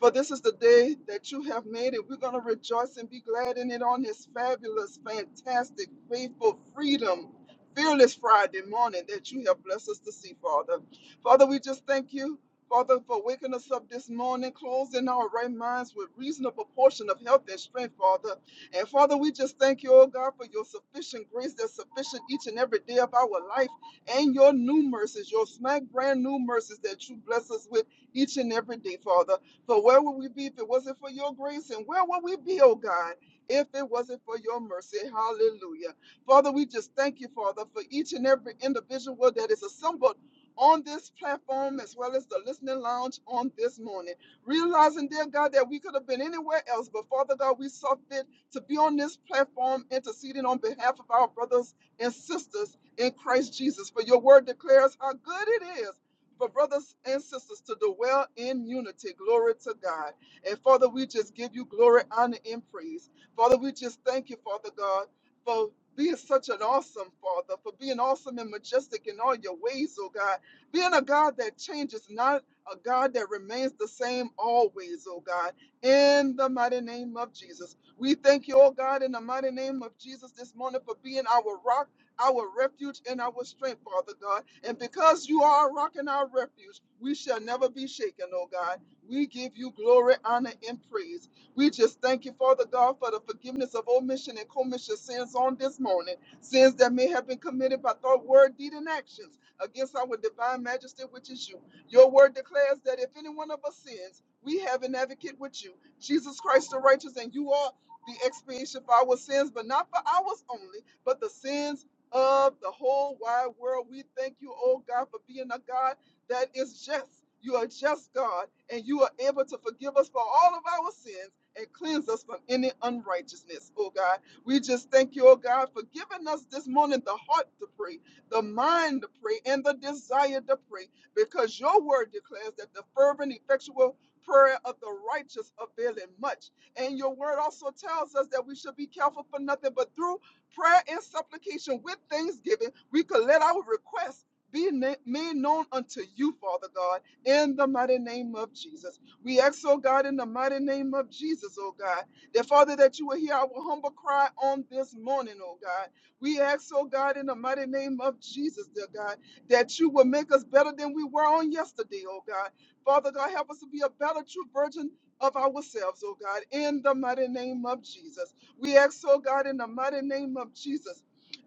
Speaker 7: For this is the day that you have made, and we're going to rejoice and be glad in it on this fabulous, fantastic, faithful freedom. Fearless Friday morning that you have blessed us to see, Father. Father, we just thank you, Father, for waking us up this morning, closing our right minds with reasonable portion of health and strength, Father. And Father, we just thank you, oh God, for your sufficient grace that's sufficient each and every day of our life and your new mercies, your smack brand new mercies that you bless us with each and every day, Father. For where would we be if it wasn't for your grace? And where would we be, oh God, if it wasn't for your mercy? Hallelujah. Father, we just thank you, Father, for each and every individual that is assembled. On this platform, as well as the listening lounge on this morning, realizing, dear God, that we could have been anywhere else, but Father God, we saw fit to be on this platform interceding on behalf of our brothers and sisters in Christ Jesus. For your word declares how good it is for brothers and sisters to dwell in unity. Glory to God. And Father, we just give you glory, honor, and praise. Father, we just thank you, Father God, for being such an awesome Father, for being awesome and majestic in all your ways, oh God. Being a God that changes not. A God that remains the same always, oh God, in the mighty name of Jesus. We thank you, oh God, in the mighty name of Jesus this morning for being our rock, our refuge, and our strength, Father God. And because you are our rock and our refuge, we shall never be shaken, oh God. We give you glory, honor, and praise. We just thank you, Father God, for the forgiveness of omission and commission sins on this morning, sins that may have been committed by thought, word, deed, and actions against our divine majesty, which is you. Your word declares that if any one of us sins, we have an advocate with you, Jesus Christ the righteous, and you are the expiation for our sins, but not for ours only, but the sins of the whole wide world. We thank you, oh God, for being a God that is just. You are just God, and you are able to forgive us for all of our sins and cleanse us from any unrighteousness, oh God. We just thank you, oh God, for giving us this morning the heart to pray, the mind to pray, and the desire to pray, because your word declares that the fervent, effectual prayer of the righteous availeth much. And your word also tells us that we should be careful for nothing, but through prayer and supplication with thanksgiving, we could let our requests be na- made known unto you, Father God, in the mighty name of Jesus. We ask, oh God, in the mighty name of Jesus, oh God, that Father, that you will hear our humble cry on this morning, oh God. We ask, oh God, in the mighty name of Jesus, dear God, that you will make us better than we were on yesterday, oh God. Father God, help us to be a better true virgin of ourselves, oh God, in the mighty name of Jesus. We ask, oh God, in the mighty name of Jesus,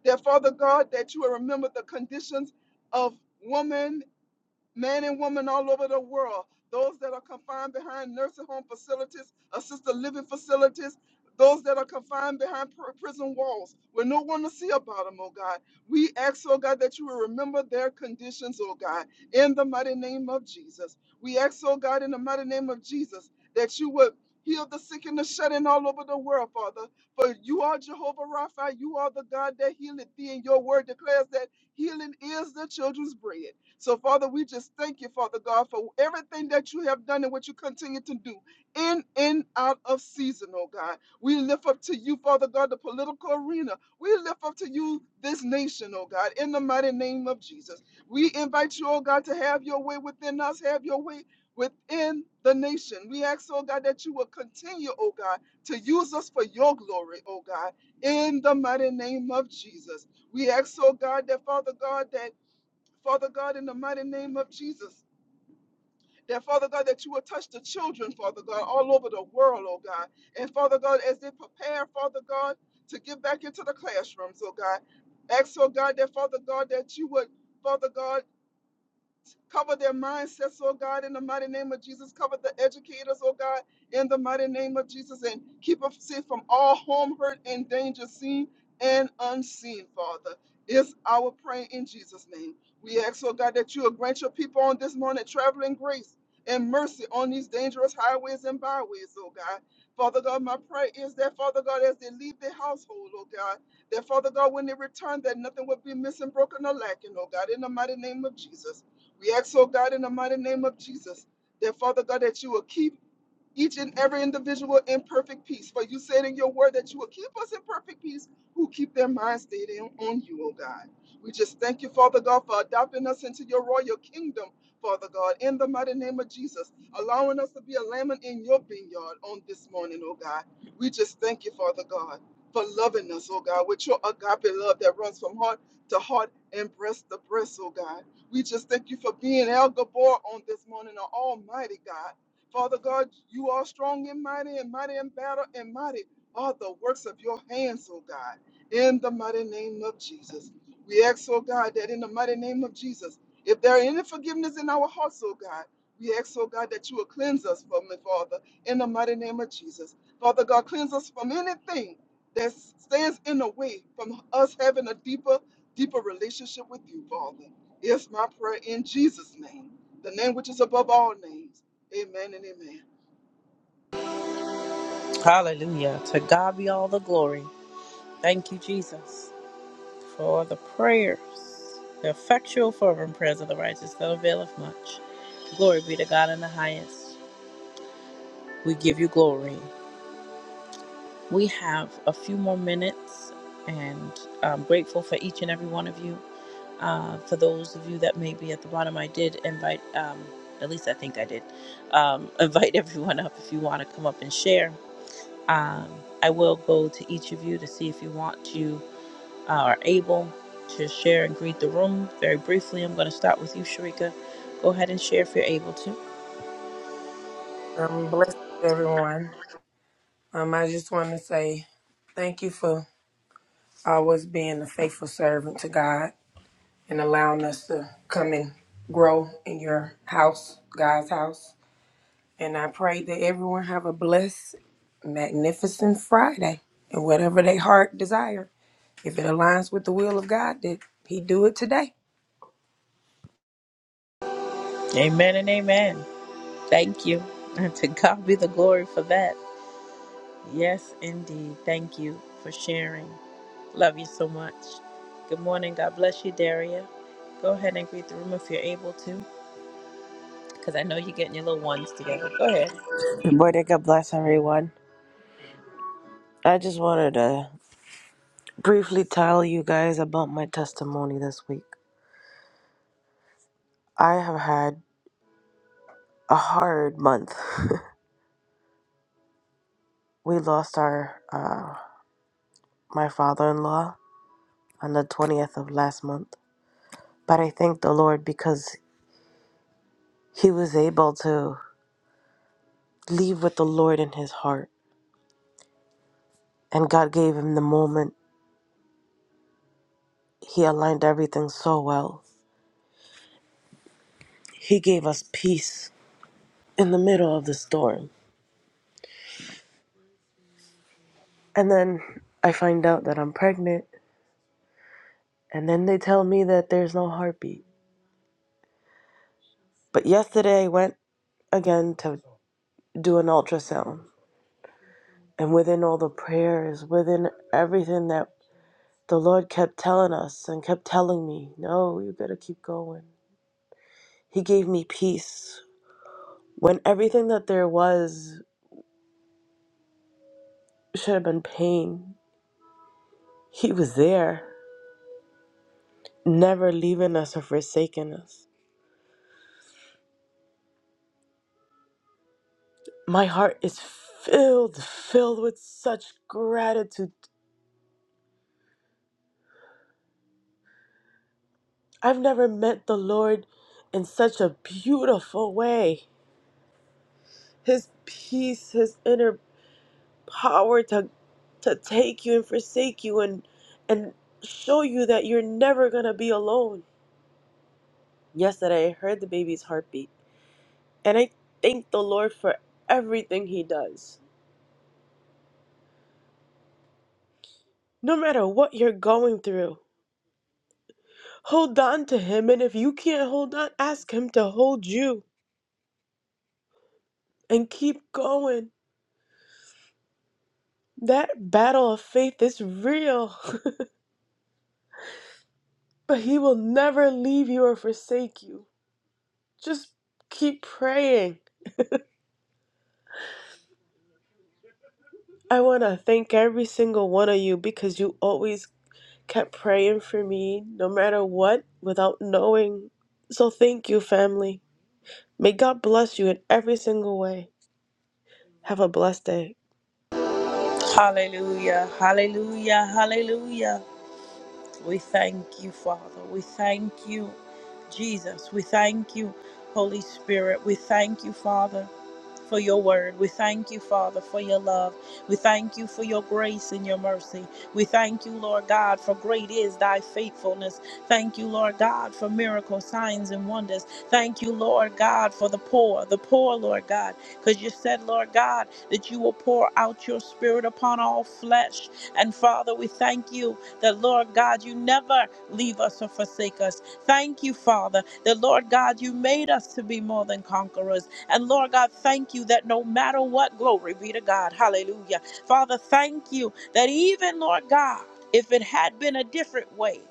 Speaker 7: that Father God, that you will remember the conditions of woman men and women all over the world, those that are confined behind nursing home facilities, assisted living facilities, those that are confined behind pr- prison walls, where no one will see about them, oh God. We ask, oh God, that you will remember their conditions, oh God, in the mighty name of Jesus. We ask, oh God, in the mighty name of Jesus, that you would heal the sick and the shut in all over the world, Father. For you are Jehovah Rapha, you are the God that healeth thee, and your word declares that healing is the children's bread. So, Father, we just thank you, Father God, for everything that you have done and what you continue to do in and out of season, oh God. We lift up to you, Father God, the political arena. We lift up to you this nation, oh God, in the mighty name of Jesus. We invite you, oh God, to have your way within us, have your way within the nation. We ask, oh God, that you will continue, oh God, to use us for your glory, oh God, in the mighty name of Jesus. We ask, oh God, that Father God, that Father God, in the mighty name of Jesus. That, Father God, that you will touch the children, Father God, all over the world, oh God. And, Father God, as they prepare, Father God, to get back into the classrooms, oh God. Ask, oh God, that, Father God, that you would, Father God, Cover their mindsets, oh God, in the mighty name of Jesus. Cover the educators, oh God, in the mighty name of Jesus. And keep us safe from all harm, hurt, and danger, seen and unseen, Father. Is our prayer in Jesus' name. We ask, oh God, that you will grant your people on this morning traveling grace and mercy on these dangerous highways and byways, oh God. Father God, my prayer is that, Father God, as they leave their household, oh God, that Father God, when they return, that nothing will be missing, broken, or lacking, oh God, in the mighty name of Jesus. We ask, oh God, in the mighty name of Jesus, that Father God, that you will keep each and every individual in perfect peace. For you said in your word that you will keep us in perfect peace who keep their minds stayed in, on you, oh God. We just thank you, Father God, for adopting us into your royal kingdom, Father God, in the mighty name of Jesus, allowing us to be a lamb in your vineyard on this morning, oh God. We just thank you, Father God, for loving us, oh God, with your agape love that runs from heart to heart and breast to breast, oh God. We just thank you for being El Gabor on this morning, our Almighty God. Father God, you are strong and mighty and mighty in battle and mighty are the works of your hands, oh God, in the mighty name of Jesus. We ask, oh God, that in the mighty name of Jesus, if there are any forgiveness in our hearts, oh God, we ask, oh God, that you will cleanse us from it, Father, in the mighty name of Jesus. Father God, cleanse us from anything that stands in the way from us having a deeper, deeper relationship with you, Father. It's my prayer in Jesus' name, the name which is above all names. Amen and amen.
Speaker 1: Hallelujah. To God be all the glory. Thank you, Jesus, for the prayers, the effectual fervent prayers of the righteous that availeth much. Glory be to God in the highest. We give you glory. We have a few more minutes, and I'm grateful for each and every one of you. Uh, for those of you that may be at the bottom, I did invite, um, at least I think I did, um, (laughs) invite everyone up if you want to come up and share. Um, I will go to each of you to see if you want to, uh, are able to share and greet the room very briefly. I'm going to start with you, Sharika. Go ahead and share if you're able to.
Speaker 2: Um, bless everyone. Um, I just want to say thank you for always being a faithful servant to God and allowing us to come and grow in your house, God's house. And I pray that everyone have a blessed, magnificent Friday and whatever their heart desire. If it aligns with the will of God, that He do it today.
Speaker 1: Amen and amen. Thank you. (laughs) And to God be the glory for that. Yes, indeed. Thank you for sharing. Love you so much. Good morning. God bless you, Daria. Go ahead and greet the room if you're able to, because I know you're getting your little ones together. Go ahead.
Speaker 3: Good morning. God bless everyone. I just wanted to briefly tell you guys about my testimony this week. I have had a hard month. (laughs) we lost our uh, my father-in-law on the 20th of last month, but I thank the Lord because he was able to leave with the Lord in his heart, and God gave him the moment. He aligned everything so well. He gave us peace in the middle of the storm. And then I find out that I'm pregnant, and then they tell me that there's no heartbeat. But yesterday I went again to do an ultrasound, and within all the prayers, within everything that the Lord kept telling us and kept telling me, no, you gotta keep going. He gave me peace. When everything that there was should have been pain, He was there, never leaving us or forsaking us. My heart is filled, filled with such gratitude. I've never met the Lord in such a beautiful way. His peace, his inner power to to take you and forsake you and and show you that you're never going to be alone. Yesterday I heard the baby's heartbeat and I thank the Lord for everything he does. No matter what you're going through, hold on to him and if you can't hold on, ask him to hold you. and keep going. That battle of faith is real, (laughs) but He will never leave you or forsake you. Just keep praying. I want to thank every single one of you because you always kept praying for me, no matter what, without knowing. So thank you, family. May God bless you in every single way. Have a blessed day.
Speaker 1: Hallelujah. Hallelujah. Hallelujah. We thank you, Father. We thank you, Jesus. We thank you, Holy Spirit. We thank you, Father. for your word. We thank you, Father, for your love. We thank you for your grace and your mercy. We thank you, Lord God, for great is thy faithfulness. Thank you, Lord God, for miracles, signs, and wonders. Thank you, Lord God, for the poor, the poor, Lord God, because you said, Lord God, that you will pour out your spirit upon all flesh. And Father, we thank you that, Lord God, you never leave us or forsake us. Thank you, Father, that, Lord God, you made us to be more than conquerors. And Lord God, thank you that no matter what, glory be to God. Hallelujah. Father, thank you that even, Lord God, if it had been a different way,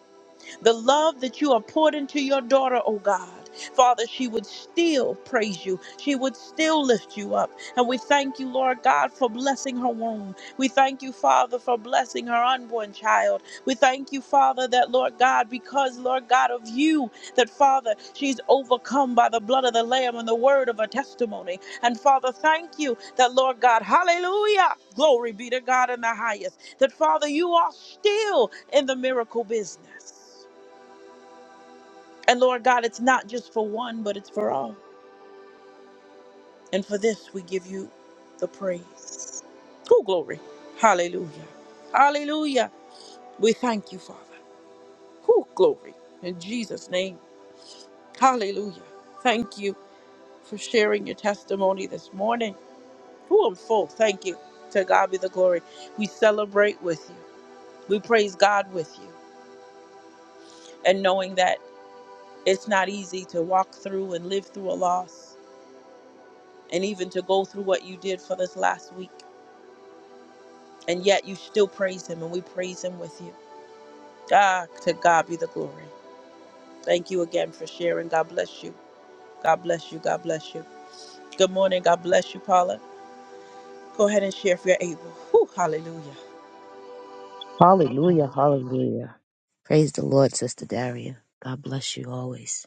Speaker 1: the love that you are poured into your daughter, oh God. Father, she would still praise you. She would still lift you up. And we thank you, Lord God, for blessing her womb. We thank you, Father, for blessing her unborn child. We thank you, Father, that, Lord God, because, Lord God, of you, that, Father, she's overcome by the blood of the Lamb and the word of her testimony. And, Father, thank you that, Lord God, hallelujah, glory be to God in the highest, that, Father, you are still in the miracle business. And Lord God, it's not just for one, but it's for all. And for this, we give you the praise. Oh, glory. Hallelujah. Hallelujah. We thank you, Father. Oh, glory. In Jesus' name. Hallelujah. Thank you for sharing your testimony this morning. Oh, I'm full. Thank you. To God be the glory. We celebrate with you. We praise God with you. And knowing that it's not easy to walk through and live through a loss and even to go through what you did for this last week. and yet you still praise him and we praise him with you ah to god be the glory thank you again for sharing god bless you god bless you god bless you good morning god bless you paula go ahead and share if you're able Whew, hallelujah
Speaker 4: Hallelujah, hallelujah. Praise the Lord, Sister Daria. God bless you always.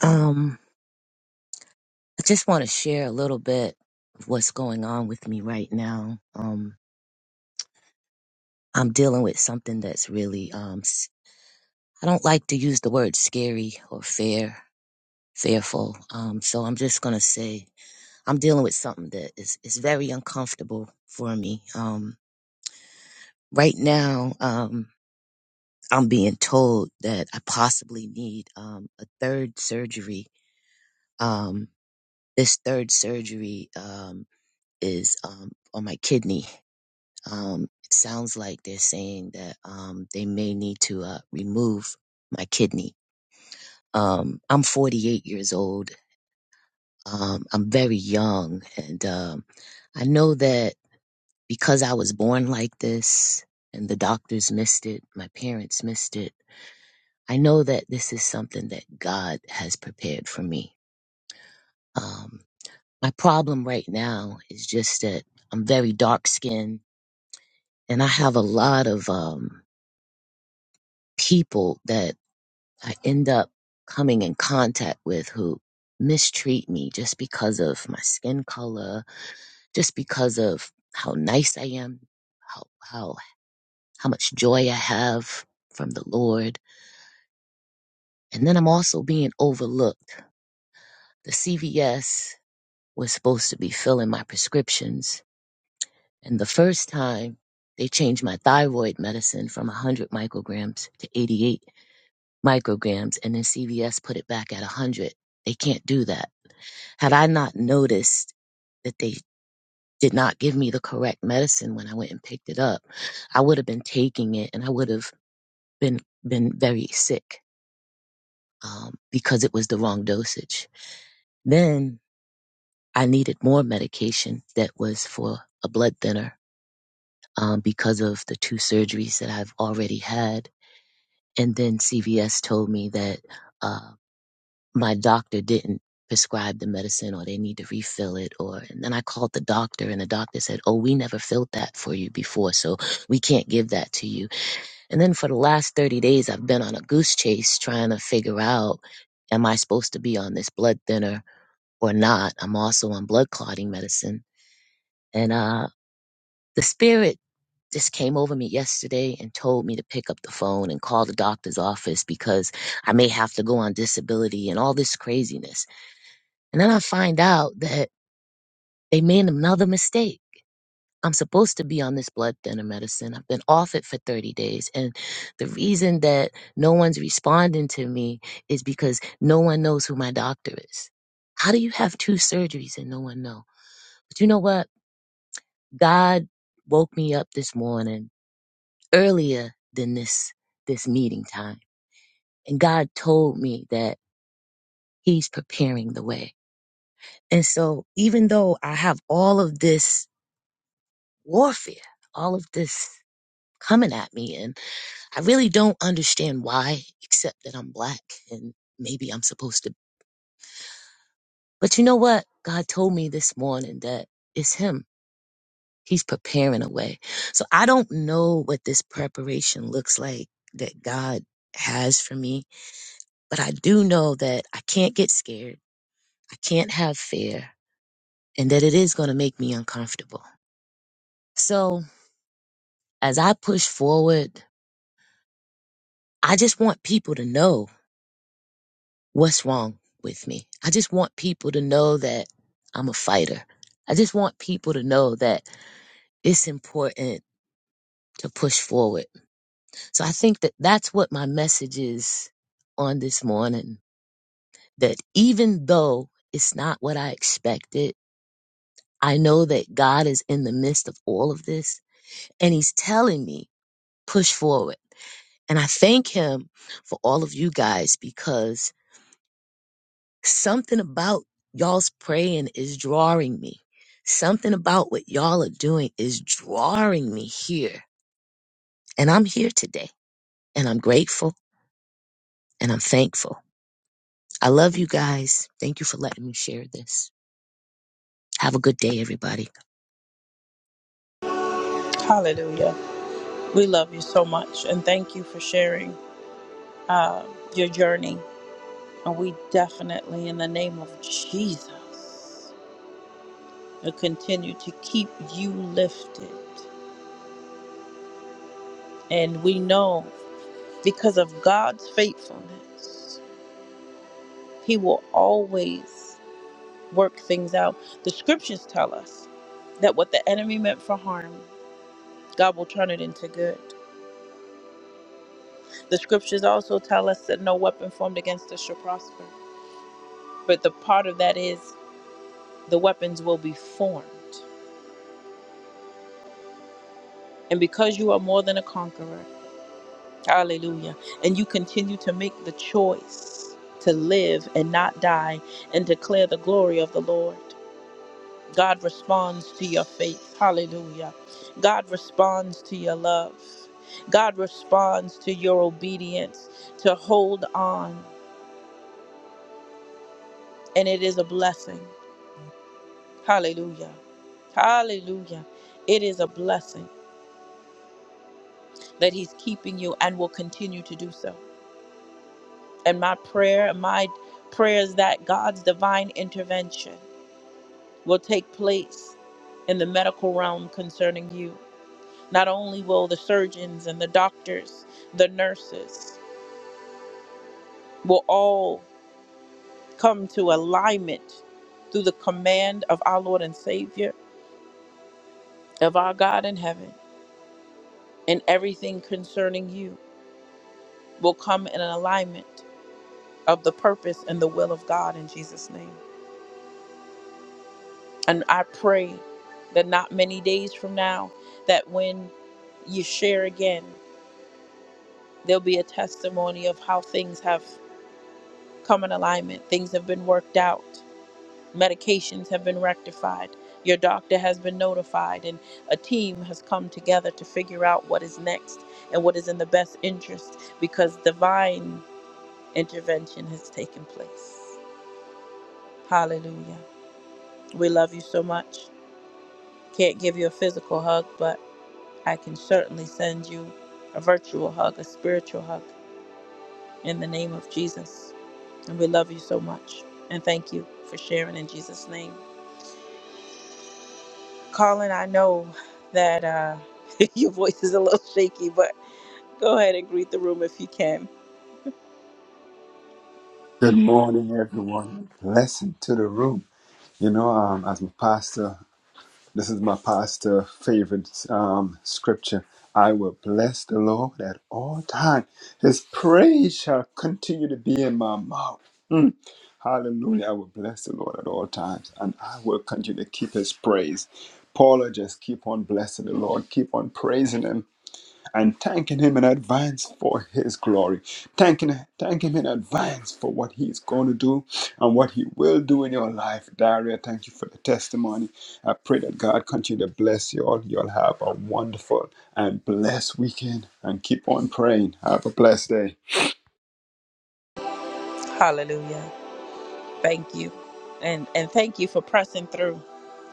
Speaker 4: Um, I just want to share a little bit of what's going on with me right now. Um, I'm dealing with something that's really, um, s- I don't like to use the word scary or fair, fearful. Um, so I'm just going to say I'm dealing with something that is, is very uncomfortable for me. Um, right now, um, I'm being told that I possibly need, um, a third surgery. Um, this third surgery, um, is, um, on my kidney Um, it sounds like they're saying that um, they may need to uh, remove my kidney. Um, I'm 48 years old. Um, I'm very young, and um, I know that because I was born like this, and the doctors missed it, my parents missed it. I know that this is something that God has prepared for me. Um, my problem right now is just that I'm very dark skinned and I have a lot of um, people that I end up coming in contact with who mistreat me just because of my skin color, just because of how nice I am, how how how much joy I have from the Lord. And then I'm also being overlooked. The CVS was supposed to be filling my prescriptions, and the first time they changed my thyroid medicine from 100 micrograms to 88 micrograms, and then CVS put it back at 100. They can't do that Had I not noticed that they did not give me the correct medicine when I went and picked it up, I would have been taking it and I would have been been very sick um, because it was the wrong dosage. Then I needed more medication that was for a blood thinner um, because of the two surgeries that I've already had. And then CVS told me that. uh, my doctor didn't prescribe the medicine or they need to refill it or and then I called the doctor and the doctor said, "Oh, we never filled that for you before, so we can't give that to you." And then for the last 30 days I've been on a goose chase trying to figure out am I supposed to be on this blood thinner or not? I'm also on blood clotting medicine. And uh the spirit just came over me yesterday and told me to pick up the phone and call the doctor's office because I may have to go on disability and all this craziness. And then I find out that they made another mistake. I'm supposed to be on this blood thinner medicine. I've been off it for 30 days. And the reason that no one's responding to me is because no one knows who my doctor is. How do you have two surgeries and no one know? But you know what? God woke me up this morning earlier than this this meeting time. And God told me that he's preparing the way. And so even though I have all of this warfare, all of this coming at me. And I really don't understand why, except that I'm black and maybe I'm supposed to. But you know what? God told me this morning that it's Him. He's preparing a way. So I don't know what this preparation looks like that God has for me, but I do know that I can't get scared. I can't have fear and that it is going to make me uncomfortable. So as I push forward, I just want people to know what's wrong with me. I just want people to know that I'm a fighter. I just want people to know that it's important to push forward. So I think that that's what my message is on this morning that even though it's not what I expected, I know that God is in the midst of all of this and He's telling me, push forward. And I thank Him for all of you guys because something about y'all's praying is drawing me. Something about what y'all are doing is drawing me here. And I'm here today and I'm grateful and I'm thankful. I love you guys. Thank you for letting me share this. Have a good day, everybody.
Speaker 1: hallelujah we love you so much and thank you for sharing uh, your journey and we definitely in the name of jesus will continue to keep you lifted and we know because of god's faithfulness He will always work things out. The scriptures tell us that what the enemy meant for harm, God will turn it into good. The scriptures also tell us that no weapon formed against us shall prosper. But the part of that is the weapons will be formed. And because you are more than a conqueror, hallelujah, and you continue to make the choice to live and not die and declare the glory of the Lord. God responds to your faith. Hallelujah. God responds to your love. God responds to your obedience to hold on. And it is a blessing. Hallelujah. Hallelujah. It is a blessing that He's keeping you and will continue to do so. And my prayer, my prayer is that God's divine intervention will take place in the medical realm concerning you. Not only will the surgeons and the doctors, the nurses, will all come to alignment through the command of our Lord and Savior, of our God in heaven, and everything concerning you will come in an alignment of the purpose and the will of God in Jesus' name. And I pray that not many days from now, that when you share again, there'll be a testimony of how things have come in alignment, things have been worked out, medications have been rectified. Your doctor has been notified, and a team has come together to figure out what is next and what is in the best interest because divine intervention has taken place. Hallelujah. We love you so much. Can't give you a physical hug, but I can certainly send you a virtual hug, a spiritual hug in the name of Jesus. And we love you so much. And thank you for sharing in Jesus' name. Colin, I know that uh, (laughs) your voice is a little shaky, but go ahead and greet the room if you can.
Speaker 5: Good morning, everyone. Blessing to the room. You know, um, as my pastor, this is my pastor' favorite um, scripture. I will bless the Lord at all times. His praise shall continue to be in my mouth. Mm. Hallelujah. I will bless the Lord at all times, and I will continue to keep his praise. Paula, just keep on blessing the Lord. Keep on praising him. and thanking him in advance for his glory. Thanking thank him in advance for what he's going to do and what he will do in your life. Daria, thank you for the testimony. I pray that God continue to bless you all. You'll have a wonderful and blessed weekend and keep on praying. Have a blessed day.
Speaker 1: Hallelujah. Thank you. And and thank you for pressing through.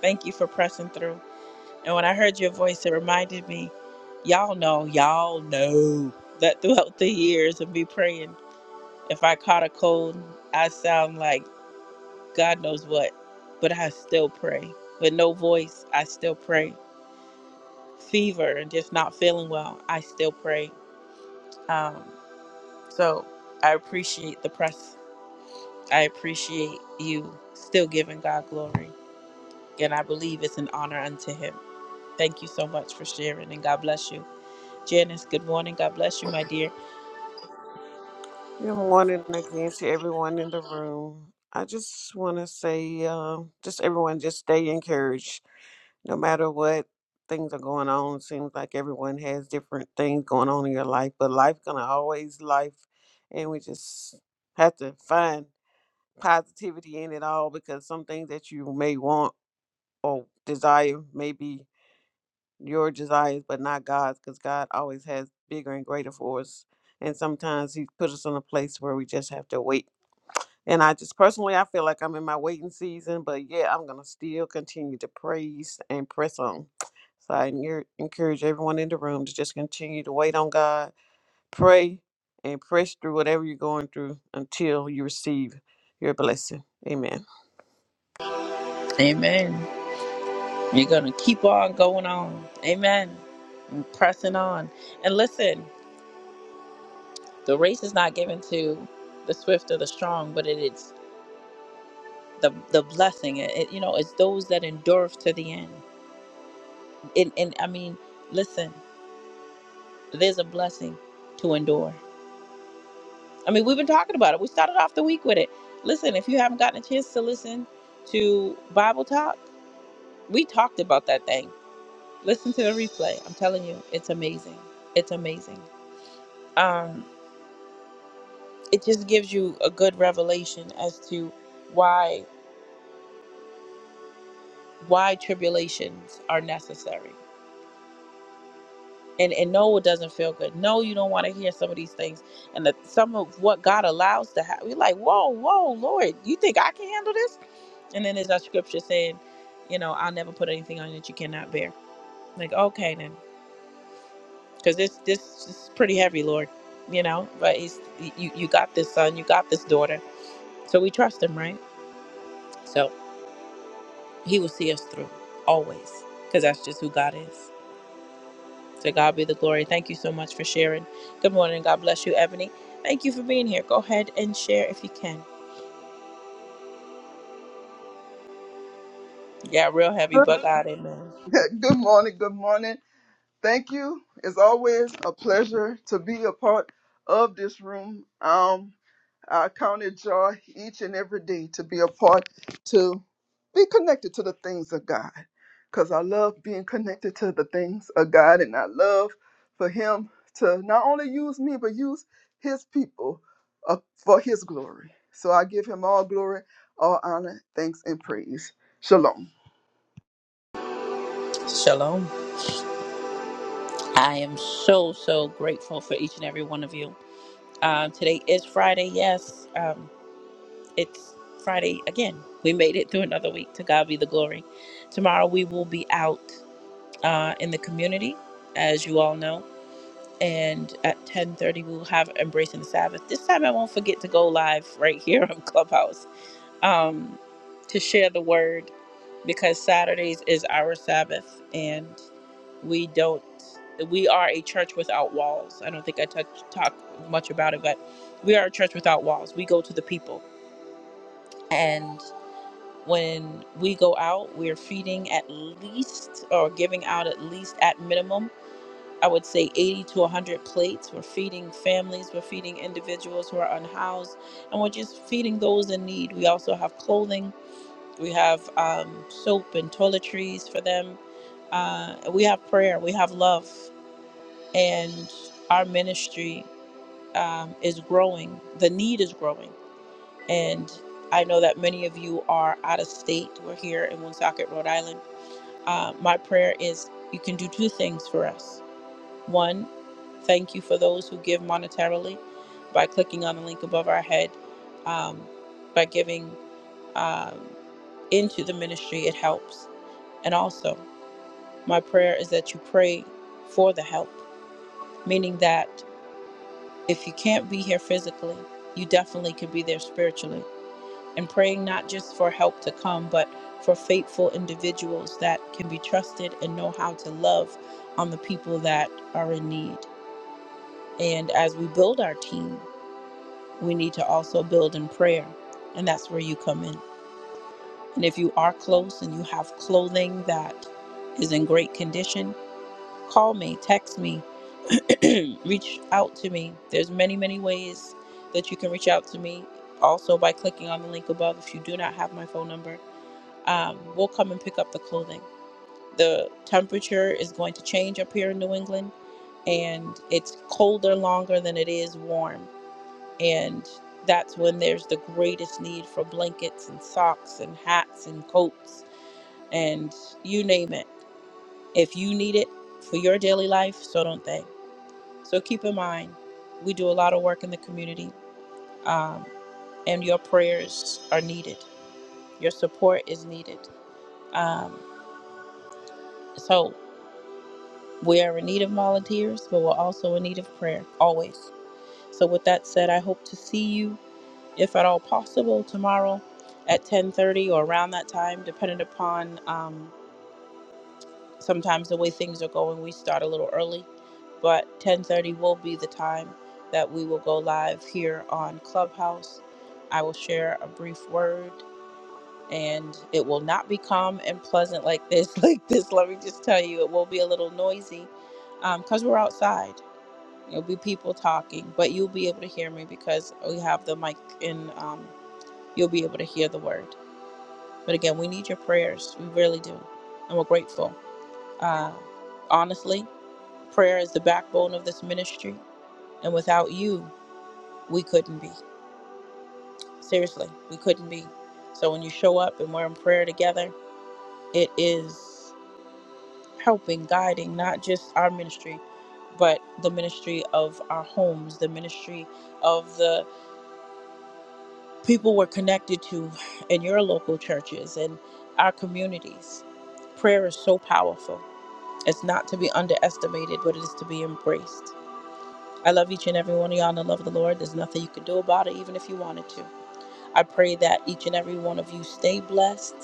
Speaker 1: Thank you for pressing through. And when I heard your voice, it reminded me, y'all know, y'all know that throughout the years of me praying, if I caught a cold, I sound like God knows what, but I still pray. With no voice, I still pray. Fever and just not feeling well, I still pray Um, so I appreciate the press. I appreciate you still giving God glory. And I believe it's an honor unto him. Thank you so much for sharing and God bless you. Janice, good morning. God bless you, my dear.
Speaker 6: Good morning again to everyone in the room. I just want to say, um, just everyone, just stay encouraged. No matter what things are going on, seems like everyone has different things going on in your life, but life gonna always life, and we just have to find positivity in it all because some things that you may want or desire may be. your desires, but not God's, because God always has bigger and greater for us. And sometimes He put us in a place where we just have to wait. And I just personally, I feel like I'm in my waiting season, but yeah, I'm gonna still continue to praise and press on. So I encour- encourage everyone in the room to just continue to wait on God Pray and press through whatever you're going through until you receive your blessing. Amen.
Speaker 1: Amen. You're going to keep on going on. Amen. And pressing on. And listen, the race is not given to the swift or the strong, but it is the, the blessing. It, it- you know, it's those that endure to the end. And, and I mean, listen. It is a blessing to endure. I mean, we've been talking about it. We started off the week with it. Listen, if you haven't gotten a chance to listen to Bible Talk, we talked about that thing. Listen to the replay. I'm telling you, it's amazing. It's amazing. Um, it just gives you a good revelation as to why why tribulations are necessary. And and no, it doesn't feel good. No, you don't want to hear some of these things. And that some of what God allows to happen, you're like, whoa, whoa, Lord, you think I can handle this? And then there's that scripture saying, you know, I'll never put anything on you that you cannot bear. Like, okay then, because this this is pretty heavy, Lord. You know, but he's you you got this son, you got this daughter, so we trust him, right? So he will see us through always, because that's just who God is. To God be the glory. Thank you so much for sharing. Good morning. God bless you, Ebony. Thank you for being here. Go ahead and share if you can. Yeah, real heavy,
Speaker 7: (laughs)
Speaker 1: but God, amen.
Speaker 7: Good good morning. Good morning. Thank you. It's always a pleasure to be a part of this room. Um, I count it joy each and every day to be a part, to be connected to the things of God. Because I love being connected to the things of God, and I love for Him to not only use me, but use His people uh, for His glory. So I give Him all glory, all honor, thanks, and praise. Shalom.
Speaker 1: Shalom. I am so, so grateful for each and every one of you. Uh, today is Friday. Yes, um, it's Friday again. We made it through another week. To God be the glory. Tomorrow we will be out uh, in the community, as you all know. And at 10:30 we will have embracing the Sabbath. This time I won't forget to go live right (laughs) here on Clubhouse um, to share the word because Saturdays is our Sabbath and we don't, we are a church without walls. I don't think I touch, talk much about it, but we are a church without walls. We go to the people. And when we go out, we're feeding at least or giving out at least at minimum, I would say 80 to 100 plates. We're feeding families, we're feeding individuals who are unhoused, and we're just feeding those in need. We also have clothing we have um, soap and toiletries for them. Uh, we have prayer. We have love. And our ministry um, is growing. The need is growing. And I know that many of you are out of state. We're here in Woonsocket, Rhode Island. Uh, my prayer is you can do two things for us. One, thank you for those who give monetarily by clicking on the link above our head, um, by giving um, into the ministry, it helps. And also, My prayer is that you pray for the help, meaning that if you can't be here physically, you definitely can be there spiritually. And praying not just for help to come, but for faithful individuals that can be trusted and know how to love on the people that are in need. And as we build our team, we need to also build in prayer. And that's where you come in. And if you are close and you have clothing that is in great condition, call me, text me, (clears throat) reach out to me. There's many, many ways that you can reach out to me. Also by clicking on the link above if you do not have my phone number. Um, we'll come and pick up the clothing. The temperature is going to change up here in New England and it's colder longer than it is warm. And that's when there's the greatest need for blankets and socks and hats and coats and you name it. If you need it for your daily life, so don't they. So keep in mind, we do a lot of work in the community, um, and your prayers are needed. Your support is needed. Um, so we are in need of volunteers, but we're also in need of prayer always. So with that said, I hope to see you, if at all possible, tomorrow at 10:30 or around that time, depending upon. um, sometimes the way things are going we start a little early but 10:30 will be the time that we will go live here on Clubhouse. I will share a brief word and it will not be calm and pleasant like this (laughs) like this let me just tell you it will be a little noisy because we're outside there'll be people talking but you'll be able to hear me because we have the mic and um, you'll be able to hear the word but again we need your prayers we really do and we're grateful uh, honestly Prayer is the backbone of this ministry. And without you, we couldn't be. Seriously, we couldn't be. So when you show up and we're in prayer together, it is helping, guiding not just our ministry, but the ministry of our homes, the ministry of the people we're connected to in your local churches and our communities. Prayer is so powerful. It's not to be underestimated, but it is to be embraced. I love each and every one of y'all in the love of the Lord. There's nothing you can do about it, even if you wanted to. I pray that each and every one of you stay blessed,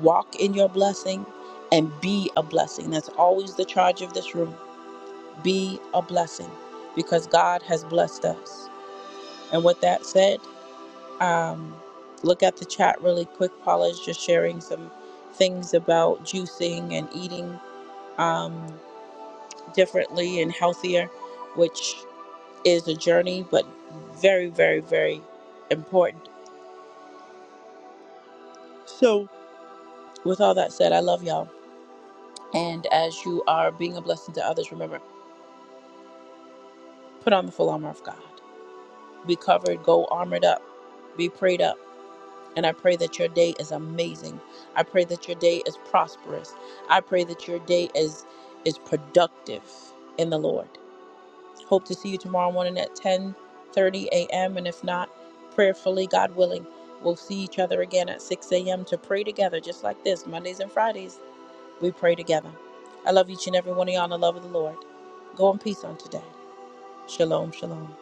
Speaker 1: walk in your blessing, and be a blessing. That's always the charge of this room. Be a blessing because God has blessed us. And with that said, um, look at the chat really quick. Paula is just sharing some things about juicing and eating um, differently and healthier, which is a journey, but very, very, very important. So, with all that said, I love y'all. And as you are being a blessing to others, remember, put on the full armor of God. Be covered, go armored up, be prayed up. And I pray that your day is amazing. I pray that your day is prosperous. I pray that your day is is productive in the Lord. Hope to see you tomorrow morning at 10 30 a.m. And if not, prayerfully, God willing, we'll see each other again at 6 a.m. to pray together, just like this. Mondays and Fridays, we pray together. I love each and every one of y'all in the love of the Lord. Go in peace on today. Shalom, shalom.